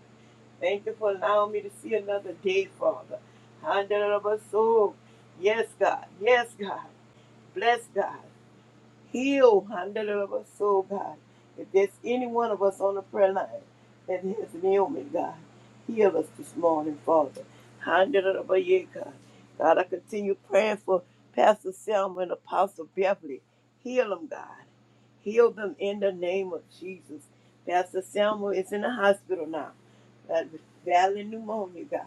Speaker 3: Thank you for allowing me to see another day, Father. Yes, God. Yes, God. Bless God. Heal, hundred of us, so God. If there's any one of us on the prayer line that has an ailment, God, heal us this morning, Father. Hundred of us, yeah, God. God, I continue praying for Pastor Selma and Apostle Beverly. Heal them, God. Heal them in the name of Jesus. Pastor Selma is in the hospital now. That valley pneumonia, God.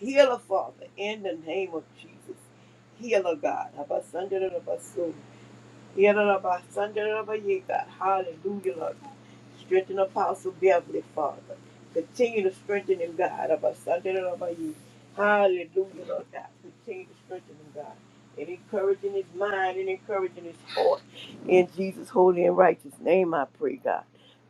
Speaker 3: Heal her, Father, in the name of Jesus. Heal her, God. Abasundere Yadarabba, Sundarabba, Yea, God. Hallelujah, Lord. Strengthen Apostle Beverly, Father. Continue to strengthen him, God. Abba, Sundarabba, Yea. Hallelujah, Lord God. Continue to strengthen him, God. And encouraging his mind and encouraging his heart. In Jesus' holy and righteous name, I pray, God.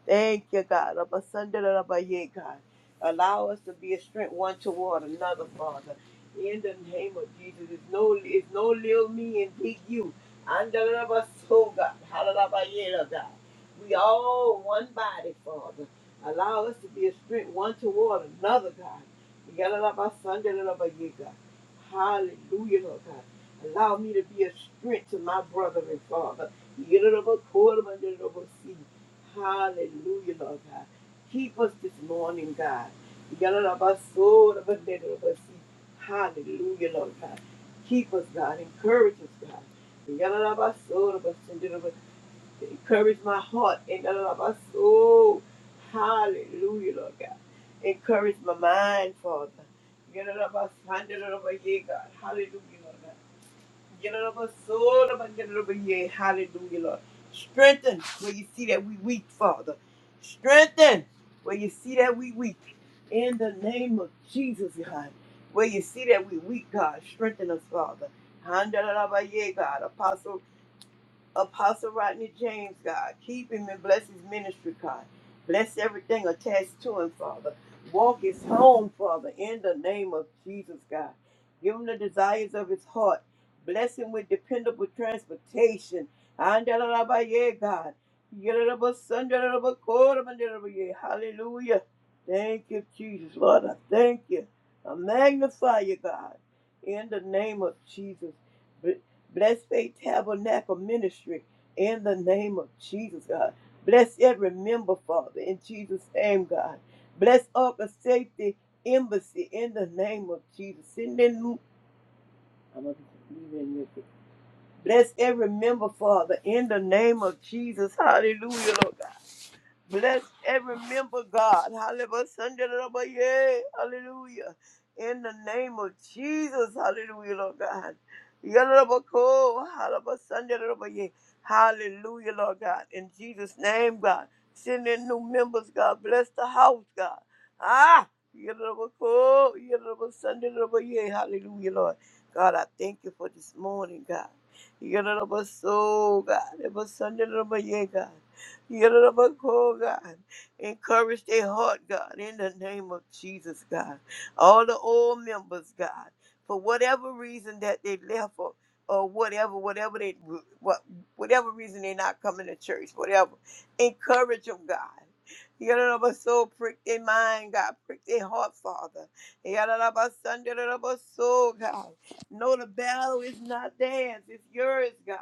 Speaker 3: Thank you, God. Abba, Sundarabba, Yea, God. Allow us to be a strength one toward another, Father. In the name of Jesus, it's no, it's no little me and big you. Andalaba so God. Halalaba God. We all one body, Father. Allow us to be a strength one toward another, God. Yalalaba sandalaba God. Hallelujah, Lord God. Allow me to be a strength to my brother and father. Yalalaba koraba yalalaba si. Hallelujah, Lord God. Keep us this morning, God. Yalalaba soraba yalalaba si. Hallelujah, Lord God. Keep us, God. Encourage us, God. Encourage my heart. Hallelujah, Lord God. Encourage my mind, Father. Hallelujah, Lord God. Hallelujah, Lord. Strengthen where you see that we weak, Father. Strengthen where you see that we weak. In the name of Jesus, God. Where you see that we weak, God. Strengthen us, Father. Handalabaye, God. Apostle Apostle Rodney James, God. Keep him and bless his ministry, God. Bless everything attached to him, Father. Walk his home, Father, in the name of Jesus, God. Give him the desires of his heart. Bless him with dependable transportation. Andalalabaye, God. Yalalabasandalalabakoromandelalabaye. Hallelujah. Thank you, Jesus, Lord. I thank you. I magnify you, God. In the name of Jesus. Bless Faith Tabernacle Ministry in the name of Jesus, God. Bless every member, Father, in Jesus' name, God. Bless Upper Safety Embassy in the name of Jesus. Send in, I'm gonna leave it in your- Bless every member, Father, in the name of Jesus. Hallelujah, Lord God. Bless every member, God. Hallelujah. Sunday, Lord, yeah. Hallelujah. In the name of Jesus. Hallelujah, Lord God. Yeah, Lord, cool. Hallelujah. Sunday, Lord, yeah. Hallelujah, Lord God. In Jesus' name, God. Send in new members, God. Bless the house, God. Ah. Yeah, Lord, cool. Yeah, Lord, Sunday, Lord, yeah. Hallelujah, Lord. God, I thank you for this morning, God. Yeah, Lord, so, God. Yeah, Lord, Sunday, Lord, yeah, God. Yalabako, God. Encourage their heart, God, in the name of Jesus, God. All the old members, God, for whatever reason that they left or, or whatever, whatever they, what, whatever reason they're not coming to church, whatever. Encourage them, God. Yalabaso, prick their mind, God. Prick their heart, Father. Yalabaso, God. No, the battle is not theirs, it's yours, God.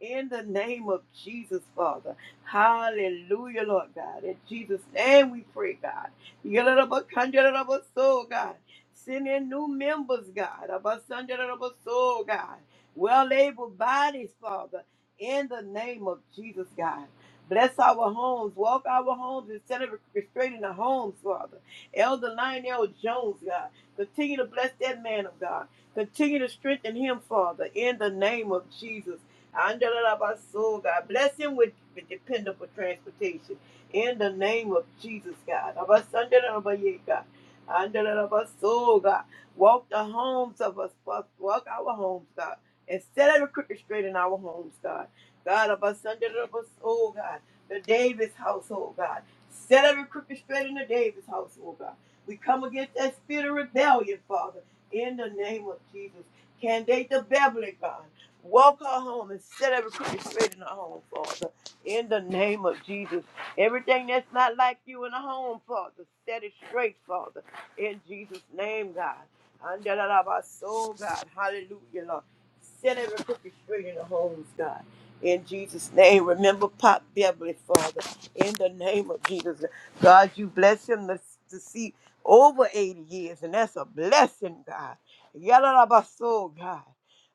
Speaker 3: In the name of Jesus, Father. Hallelujah, Lord God. In Jesus' name we pray, God. Yalalabakanjalalabaso, God. Send in new members, God. Abasanjalalabaso, God. Well able bodies, Father, in the name of Jesus, God. Bless our homes. Walk our homes instead of restraining the homes, Father. Elder Lionel Jones, God. Continue to bless that man of God. Continue to strengthen him, Father, in the name of Jesus. Andalabaso, God. Bless him with, with dependable transportation. In the name of Jesus, God. Abasandalabaye, God. Andalabaso, God. Walk the homes of us. Walk walk our homes, God. And set every crooked straight in our homes, God. God, Abasandalabaso, God. The Davis household, God. Set every crooked straight in the Davis household, God. We come against that spirit of rebellion, Father, in the name of Jesus. Can they the Beverly God? Walk her home and set every crooked straight in her home, Father. In the name of Jesus. Everything that's not like you in the home, Father, set it straight, Father. In Jesus' name, God. And that out of our soul, God. Hallelujah, Lord. Set every crooked straight in the homes, God. In Jesus' name, remember Pop Beverly, Father. In the name of Jesus, God, you bless him to, to see over 80 years, and that's a blessing, God. Yalalabaso, God.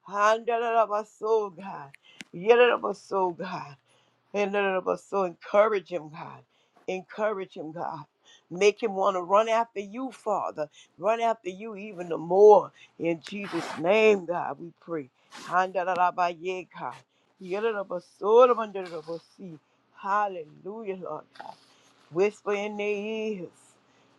Speaker 3: Handalabaso, God. Yelalabaso, God. And none of us. So encourage him, God. Encourage him, God. Make him want to run after you, Father. Run after you even the more. In Jesus' name, God, we pray. Handalalabaye, God. Yadadabasorabandadabasi. Hallelujah, Lord God. Whisper in their ears.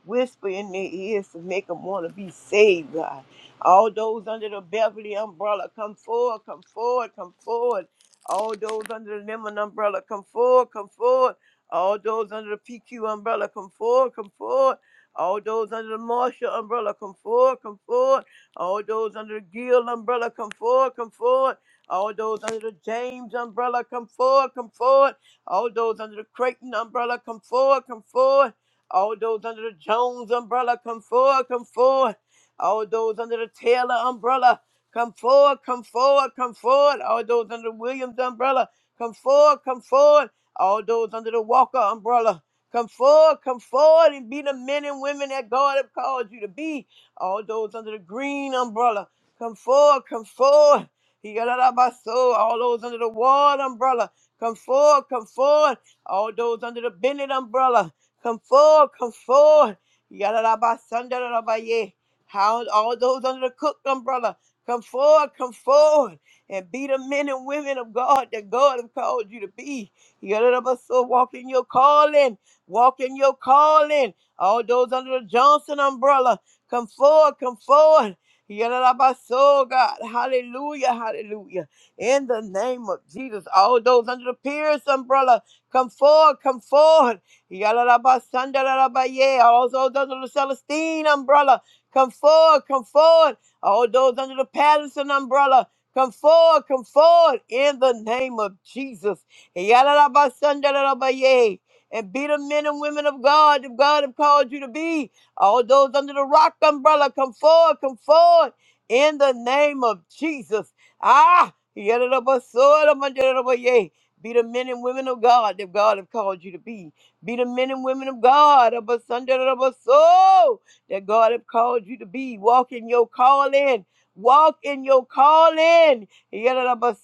Speaker 3: Whisper in their ears to make them want to be saved, God. All those under the Beverly umbrella, come forward, come forward, come forward. All those under the Lemon umbrella, come forward, come forward. All those under the PQ umbrella, come forward, come forward. All those under the Marshall umbrella, come forward, come forward. All those under the Gill umbrella, come forward, come forward. All those under the James umbrella, come forward, come forward. All those under the Creighton umbrella, come forward, come forward. All those under the Jones umbrella, come forward, come forward. All those under the Taylor umbrella, Come forward, come forward, come forward. All those under the Williams umbrella, come forward, come forward. All those under the Walker umbrella, come forward, come forward and be the men and women that God have called you to be. All those under the Green umbrella, come forward, come forward. He got out of my soul. All those under the Ward umbrella, come forward, come forward. All those under the Bennett umbrella, come forward, come forward. He got out of my Sunday, out of my yeah. How all those under the Cook umbrella. Come forward, come forward, and be the men and women of God that God has called you to be. so walk in your calling, walk in your calling. All those under the Johnson umbrella, come forward, come forward. so God, hallelujah, hallelujah. In the name of Jesus, all those under the Pierce umbrella, come forward, come forward. Yalalabasandarabaya, All those under the Celestine umbrella, come forward, come forward. All those under the Patterson umbrella, come forward, come forward in the name of Jesus. Yadadabasandaradabaya. And be the men and women of God that God have called you to be. All those under the rock umbrella, come forward, come forward in the name of Jesus. Ah, yadadabasodamandaradabaya. be the men and women of God that God have called you to be. Be the men and women of God. Abasandaradabasoo that God have called you to be. Walk in your calling. Walk in your calling.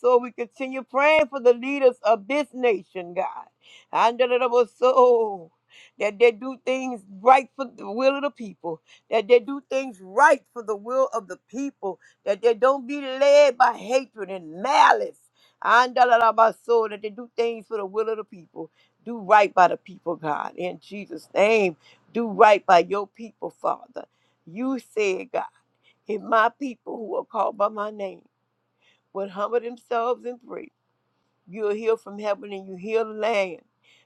Speaker 3: So we continue praying for the leaders of this nation, God. And so that they do things right for the will of the people, that they do things right for the will of the people, that they don't be led by hatred and malice. And so that they do things for the will of the people. Do right by the people, God, in Jesus' name do right by your people, Father. You said, God, if my people who are called by my name would humble themselves and pray You'll hear from heaven and you heal the land.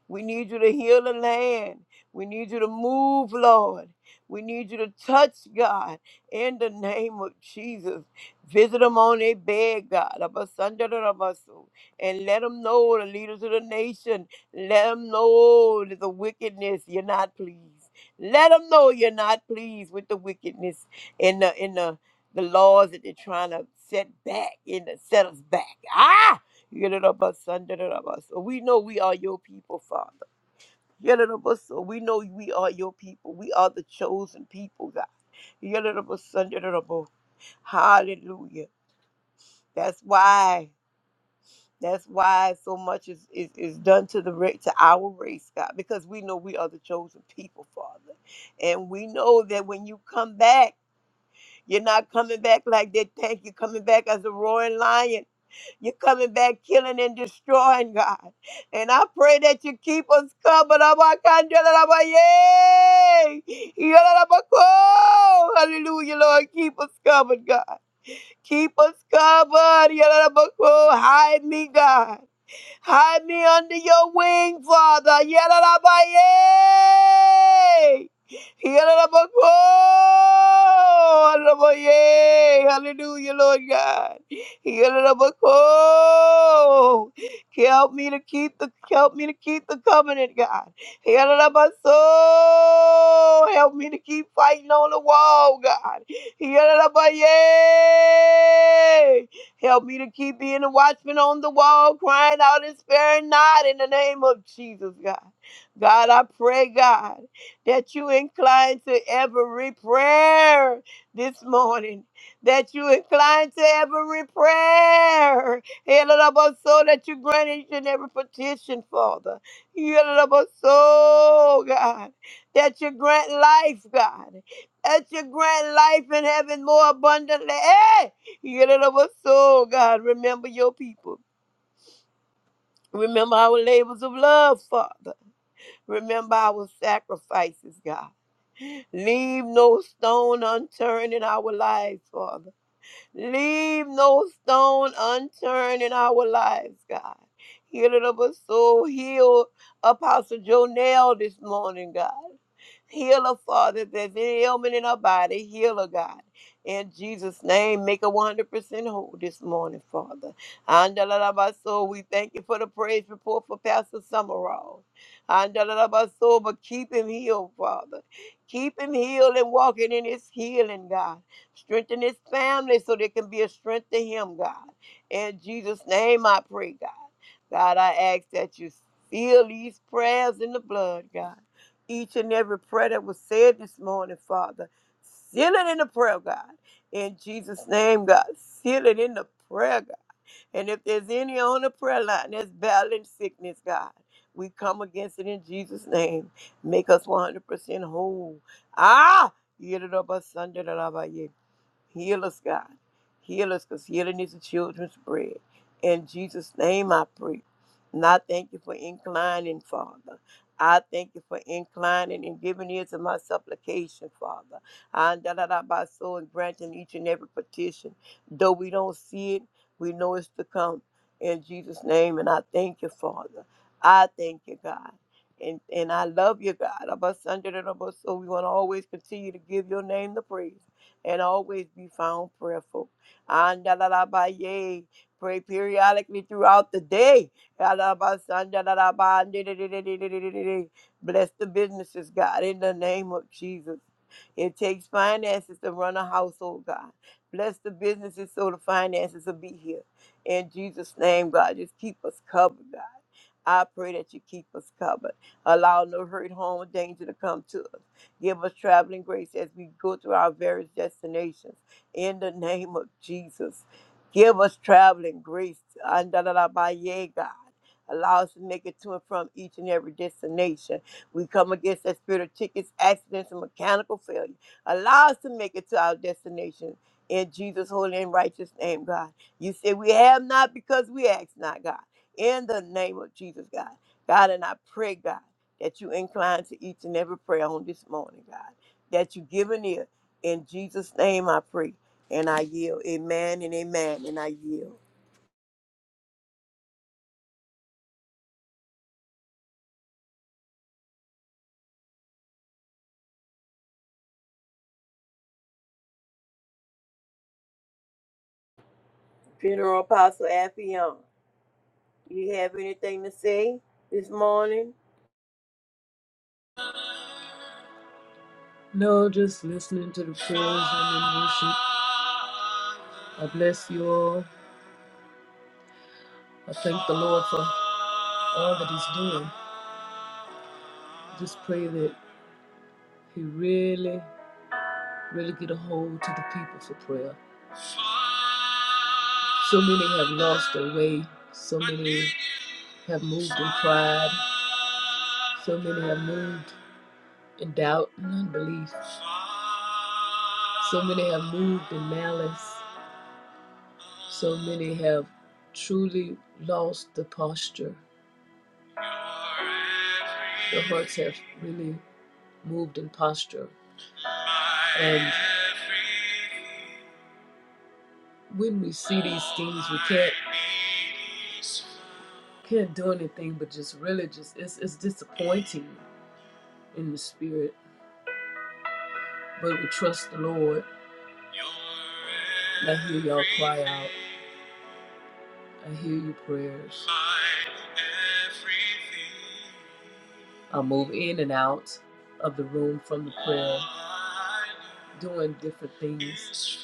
Speaker 3: We need you to heal the land. We need you to move, Lord. We need you to touch, God, in the name of Jesus. Visit them on their bed, God, Abasandarabasu, and let them know, the leaders of the nation, let them know that the wickedness, you're not pleased. Let them know you're not pleased with the wickedness and the, and the, the laws that they're trying to set back, and set us back. Ah! So we know we are your people, Father. So we know we are your people. We are the chosen people, God. Yadadabasandadadabo. Hallelujah. That's why. That's why so much is, is, is done to the ra- to our race, God, because we know we are the chosen people, Father. And we know that when you come back, you're not coming back like that tank. You're coming back as a roaring lion. You're coming back killing and destroying, God. And I pray that you keep us covered. Abakandalabaye. Yalalabako. Hallelujah, Lord. Keep us covered, God. Keep us covered. Yalalabako. Hide me, God. Hide me under your wing, Father. Yadadabaye! Yadadabako! Yadadabaye! Hallelujah, Lord God. Yadadabako! Help me to keep the help me to keep the covenant, God. Yadadabaso! Help me to keep fighting on the wall, God. Yadadabaye! Help me to keep being a watchman on the wall, crying out and sparing not in the name of Jesus, God. God, I pray, God, that you incline to every prayer this morning, that you incline to every prayer, so that you grant each and every petition, Father. so, God, that you grant life, God, that you grant life in heaven more abundantly. Hey, so God, remember your people. Remember our labors of love, Father. Remember our sacrifices, God. Leave no stone unturned in our lives, Father. Leave no stone unturned in our lives, God. Heal it up us so. Heal Apostle Jonell this morning, God. Heal her, Father. If there's any ailment in her body, heal her, God. In Jesus' name, make her 100% whole this morning, Father. Andalabaso, we thank you for the praise report for Pastor Summerall. Andalabaso, but keep him healed, Father. Keep him healed and walking in his healing, God. Strengthen his family so there can be a strength to him, God. In Jesus' name, I pray, God. God, I ask that you seal these prayers in the blood, God each and every prayer that was said this morning, Father. Seal it in the prayer, God. In Jesus' name, God. Seal it in the prayer, God. And if there's any on the prayer line that's battling sickness, God, we come against it in Jesus' name. Make us 100% whole. Ah! Heal us, God. Heal us because healing is the children's bread. In Jesus' name I pray. And I thank you for inclining, Father. I thank you for inclining and giving ear to my supplication, Father. And da da da by so and granting each and every petition. Though we don't see it, we know it's to come. In Jesus' name, and I thank you, Father. I thank you, God. And and I love you, God. Of us under the so we want to always continue to give your name the praise and always be found prayerful. Andalabaye. Pray periodically throughout the day. Alabasandalaba, ndididididididididi. Bless the businesses, God, in the name of Jesus. It takes finances to run a household, God. Bless the businesses so the finances will be here. In Jesus' name, God, just keep us covered, I pray that you keep us covered. Allow no hurt, harm, or danger to come to us. Give us traveling grace as we go through our various destinations. In the name of Jesus, give us traveling grace. Andalalabaye, God. Allow us to make it to and from each and every destination. We come against that spirit of tickets, accidents, and mechanical failure. Allow us to make it to our destination. In Jesus' holy and righteous name, God. You say we have not because we ask not, God in the name of Jesus, God. God, and I pray, God, that you incline to each and every prayer on this morning, God, that you give an ear. In Jesus' name I pray, and I yield. Amen and amen, and I yield. Funeral Apostle Affion, you have anything to say this morning?
Speaker 1: No, just listening to the prayers and in worship. I bless you all. I thank the Lord for all that He's doing. Just pray that He really, really get a hold to the people for prayer. So many have lost their way. So many have moved in pride. So many have moved in doubt and unbelief. So many have moved in malice. So many have truly lost the posture. Their hearts have really moved in posture. And when we see these things, we can't can't do anything but just really just it's it's disappointing in the spirit. But we trust the Lord. I hear y'all cry out. I hear your prayers. I move in and out of the room from the prayer, doing different things.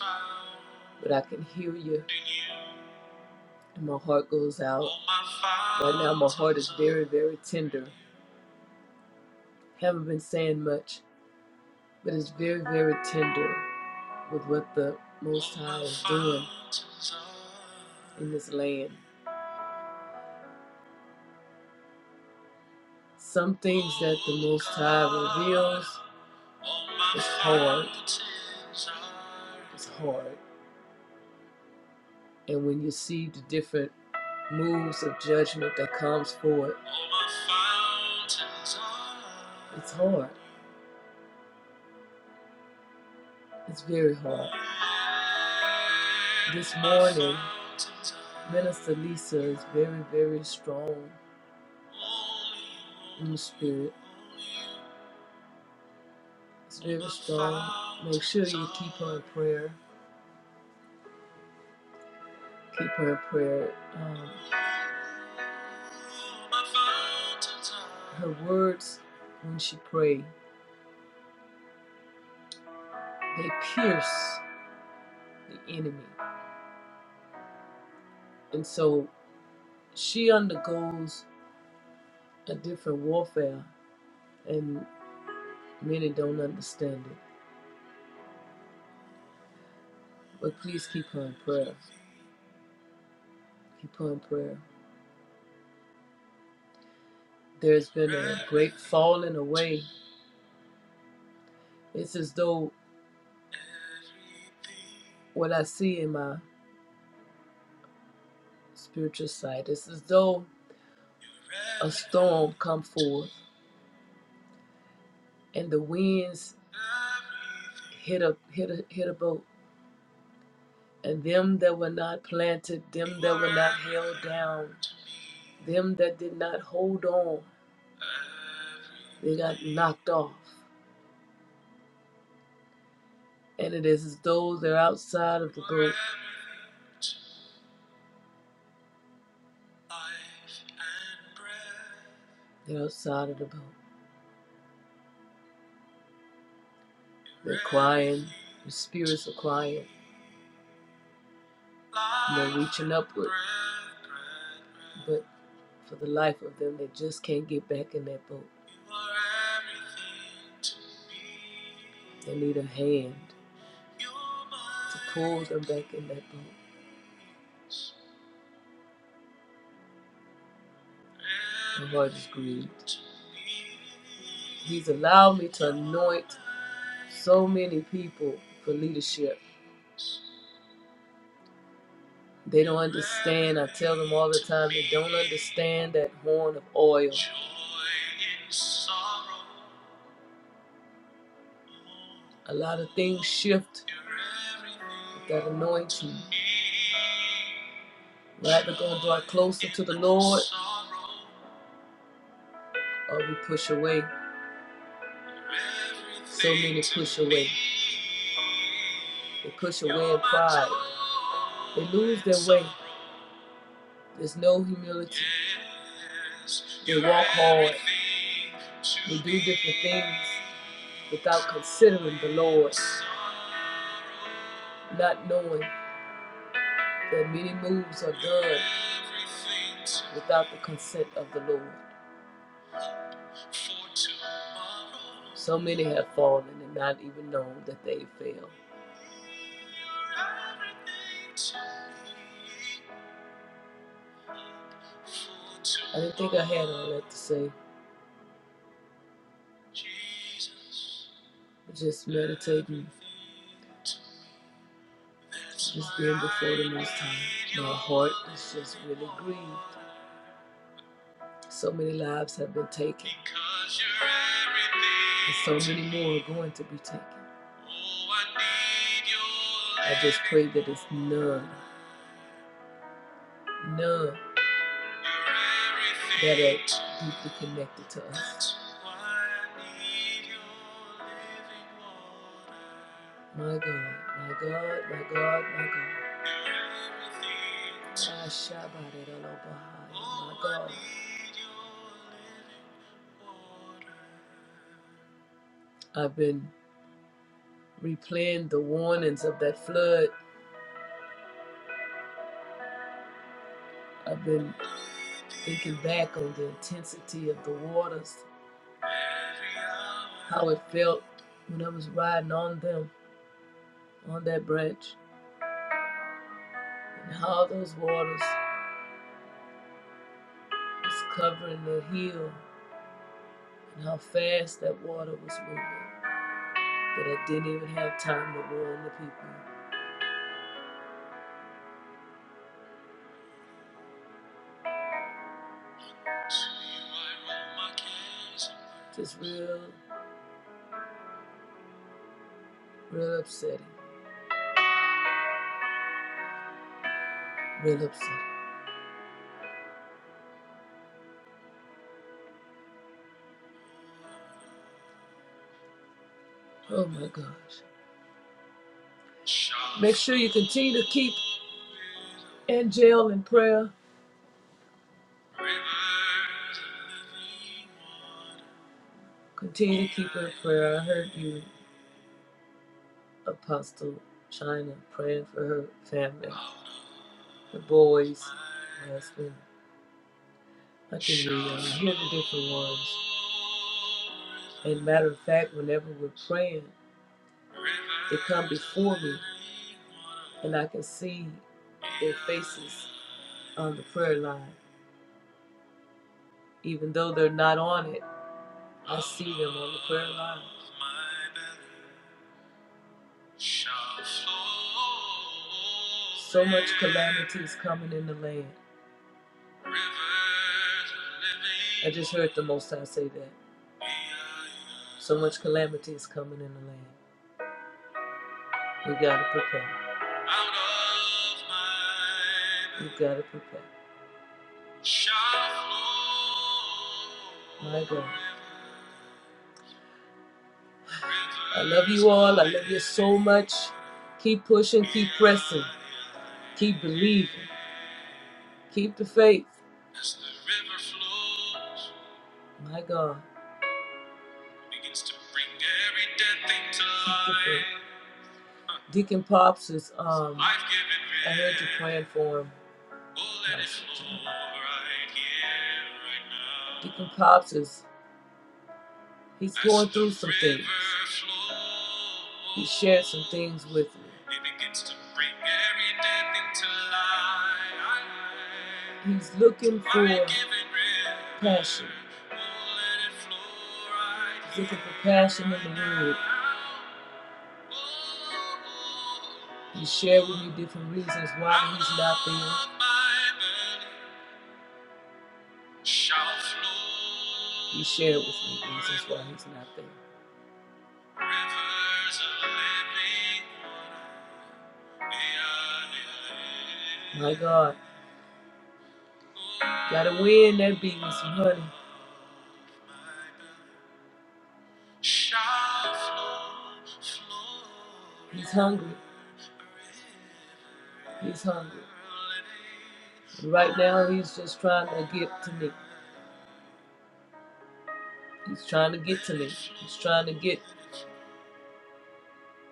Speaker 1: But I can hear you, and my heart goes out. Right now, my heart is very, very tender. Haven't been saying much, but it's very, very tender. with what the Most High is doing in this land. Some things that the Most High reveals is hard. It's hard. And when you see the different moves of judgment that comes forward, it's hard. It's very hard. This morning, Minister Lisa is very, very strong in the spirit. It's Very strong. Make sure you keep her in prayer. Keep her in prayer. Um, her words, when she pray, they pierce the enemy, and so she undergoes a different warfare, and many don't understand it. But please keep her in prayer. Keep her in prayer. There's been a great falling away. It's as though What I see in my spiritual sight is as though a storm come forth and the winds hit a hit a hit a boat and them that were not planted them that were not held down them that did not hold on they got knocked off and it is as though they're outside of the boat they're outside of the boat They're crying. The spirits are crying. And they're reaching upward. But for the life of them, they just can't get back in that boat. They need a hand to pull them back in that boat. My heart is grieved. He's allowed me to anoint so many people for leadership. They don't understand. I tell them all the time, they don't understand that horn of oil. A lot of things shift with that anointing. We're either going to draw closer to the Lord or we push away. So many push away. They push away in pride. They lose their way. There's no humility. Yes, You walk hard. You do different things without considering the Lord, not knowing that many moves are done without the consent of the Lord. So many have fallen and not even known that they fell. I didn't think I had all that to say. Just meditating, just being before the Most High. My heart is just really grieved. So many lives have been taken, and so many more are going to be taken. I just pray that it's none, none. that are deeply connected to us. My God, my God, my God, my God. Ah, Shabbat it all over. My God. I've been replaying the warnings of that flood. I've been thinking back on the intensity of the waters how it felt when I was riding on them on that bridge, and how those waters was covering the hill, and how fast that water was moving. That I didn't even have time to warn the people. Just real, real upsetting. Real upsetting. Oh my gosh. Make sure you continue to keep Angel in prayer. Continue to keep her in prayer. I heard you, Apostle China, praying for her family, the boys, husband. I can hear y'all. I hear the different ones. And matter of fact, whenever we're praying, they come before me, and I can see their faces on the prayer line. Even though they're not on it, I see them on the prayer line. So much calamity is coming in the land. I just heard the Most High say that. So much calamity is coming in the land. We gotta prepare. We gotta prepare. My God. I love you all. I love you so much. Keep pushing, keep pressing, keep believing. Keep the faith. As the river flows, my God. Begins to bring every dead thing to life. Deacon Pops is um I heard you praying for him. Oh, let it flow right here, right now. Deacon Pops is He's going through some things. He shared some things with me. He's looking for passion. He's looking for passion in the world. He shared with me different reasons why he's not there. He shared with me reasons why he's not there. My God, gotta win that beat honey. He's hungry. He's hungry. And right now, he's just trying to get to me. He's trying to get to me. He's trying to get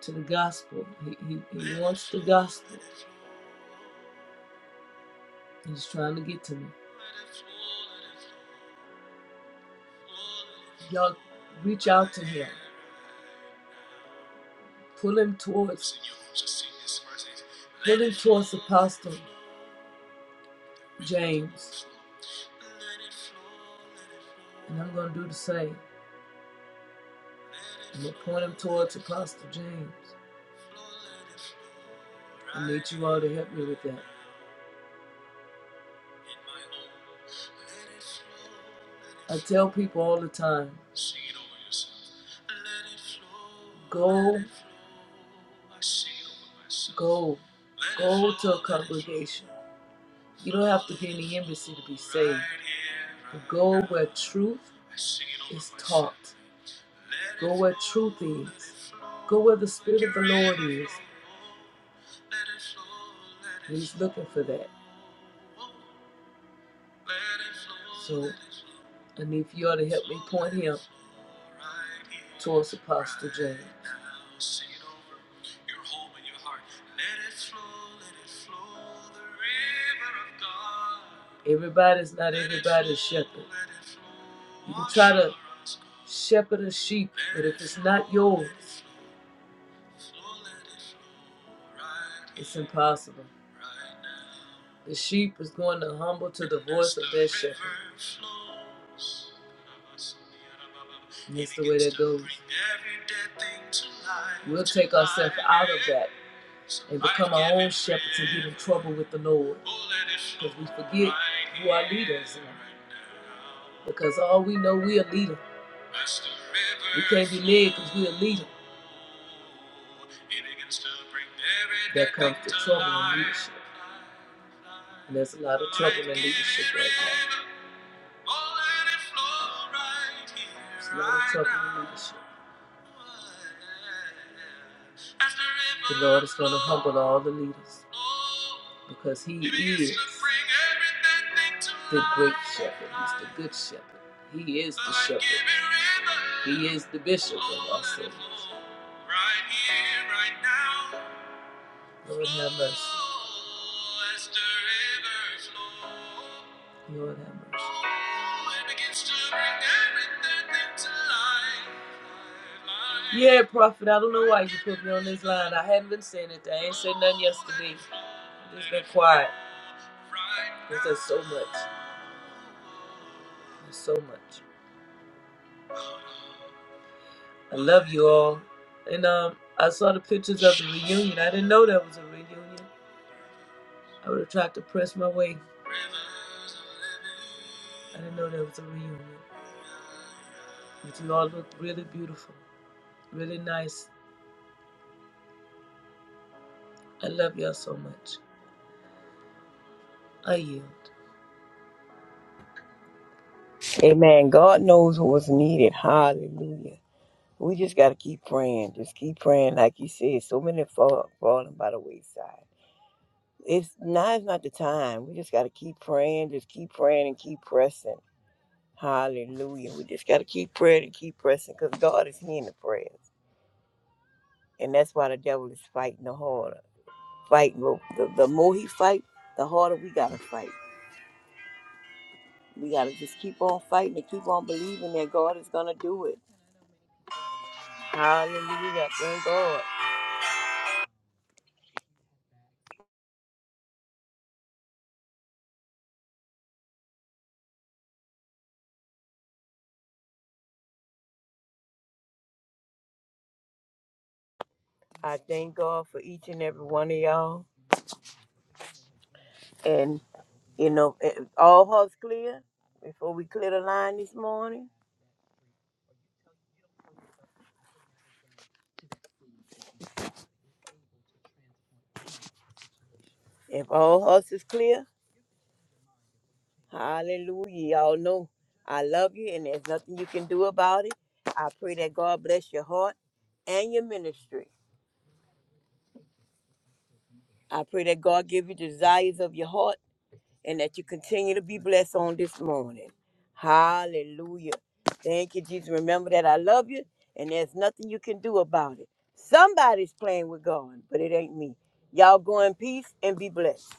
Speaker 1: to the gospel. He, he, he wants the gospel. He's trying to get to me. Y'all reach out to him. Pull him towards pull him towards Apostle James. And I'm gonna do the same. I'm gonna point him towards Apostle James. I need you all to help me with that. I tell people all the time go, go, go to a congregation. You don't have to be in the embassy to be saved. But go where truth is taught, go where truth is, go where the Spirit of the Lord is. He's looking for that. So I need for y'all to help me point him towards Apostle James. Everybody's not everybody's shepherd. You can try to shepherd a sheep, but if it's not yours, it's impossible. The sheep is going to humble to the voice of their shepherd. And That's the way that goes. We'll take ourselves out of that and become our own shepherds and get in trouble with the Lord. Because we forget who our leaders are. Because all we know, we are leaders. We can't be led because we'll lead them. That comes the trouble in leadership. And there's a lot of trouble in leadership right now. There's a lot of trouble in leadership. The Lord is going to humble all the leaders because He is the great shepherd. He's the good shepherd. He is the shepherd. He is the bishop of our souls. Lord have mercy. Lord have mercy. Yeah, prophet. I don't know why you put me on this line. I hadn't been saying it. I ain't said nothing yesterday. i just been quiet. Because there's so much. There's so much. I love you all. And um, I saw the pictures of the reunion. I didn't know that was a reunion. I would have tried to press my way. I didn't know there was a reunion. But you all look really beautiful, really nice. I love y'all so much. I yield.
Speaker 3: Amen. God knows what's needed. Hallelujah. We just got to keep praying. Just keep praying. Like you said, so many fall, falling by the wayside. It's now is not the time. We just gotta keep praying, just keep praying and keep pressing. Hallelujah. We just gotta keep praying and keep pressing because God is hearing the prayers. And that's why the devil is fighting the harder. Fighting the, the, the more he fight, the harder we gotta fight. We gotta just keep on fighting and keep on believing that God is gonna do it. Hallelujah. Thank God. I thank God for each and every one of y'all. And you know, eh, eh, all hearts clear before we clear the line this morning. If all hearts is clear, hallelujah. Y'all know I love you and there's nothing you can do about it. I pray that God bless your heart and your ministry. I pray that God give you desires of your heart and that you continue to be blessed on this morning. Hallelujah. Thank you, Jesus. Remember that I love you and there's nothing you can do about it. Somebody's playing with God, but it ain't me. Y'all go in peace and be blessed.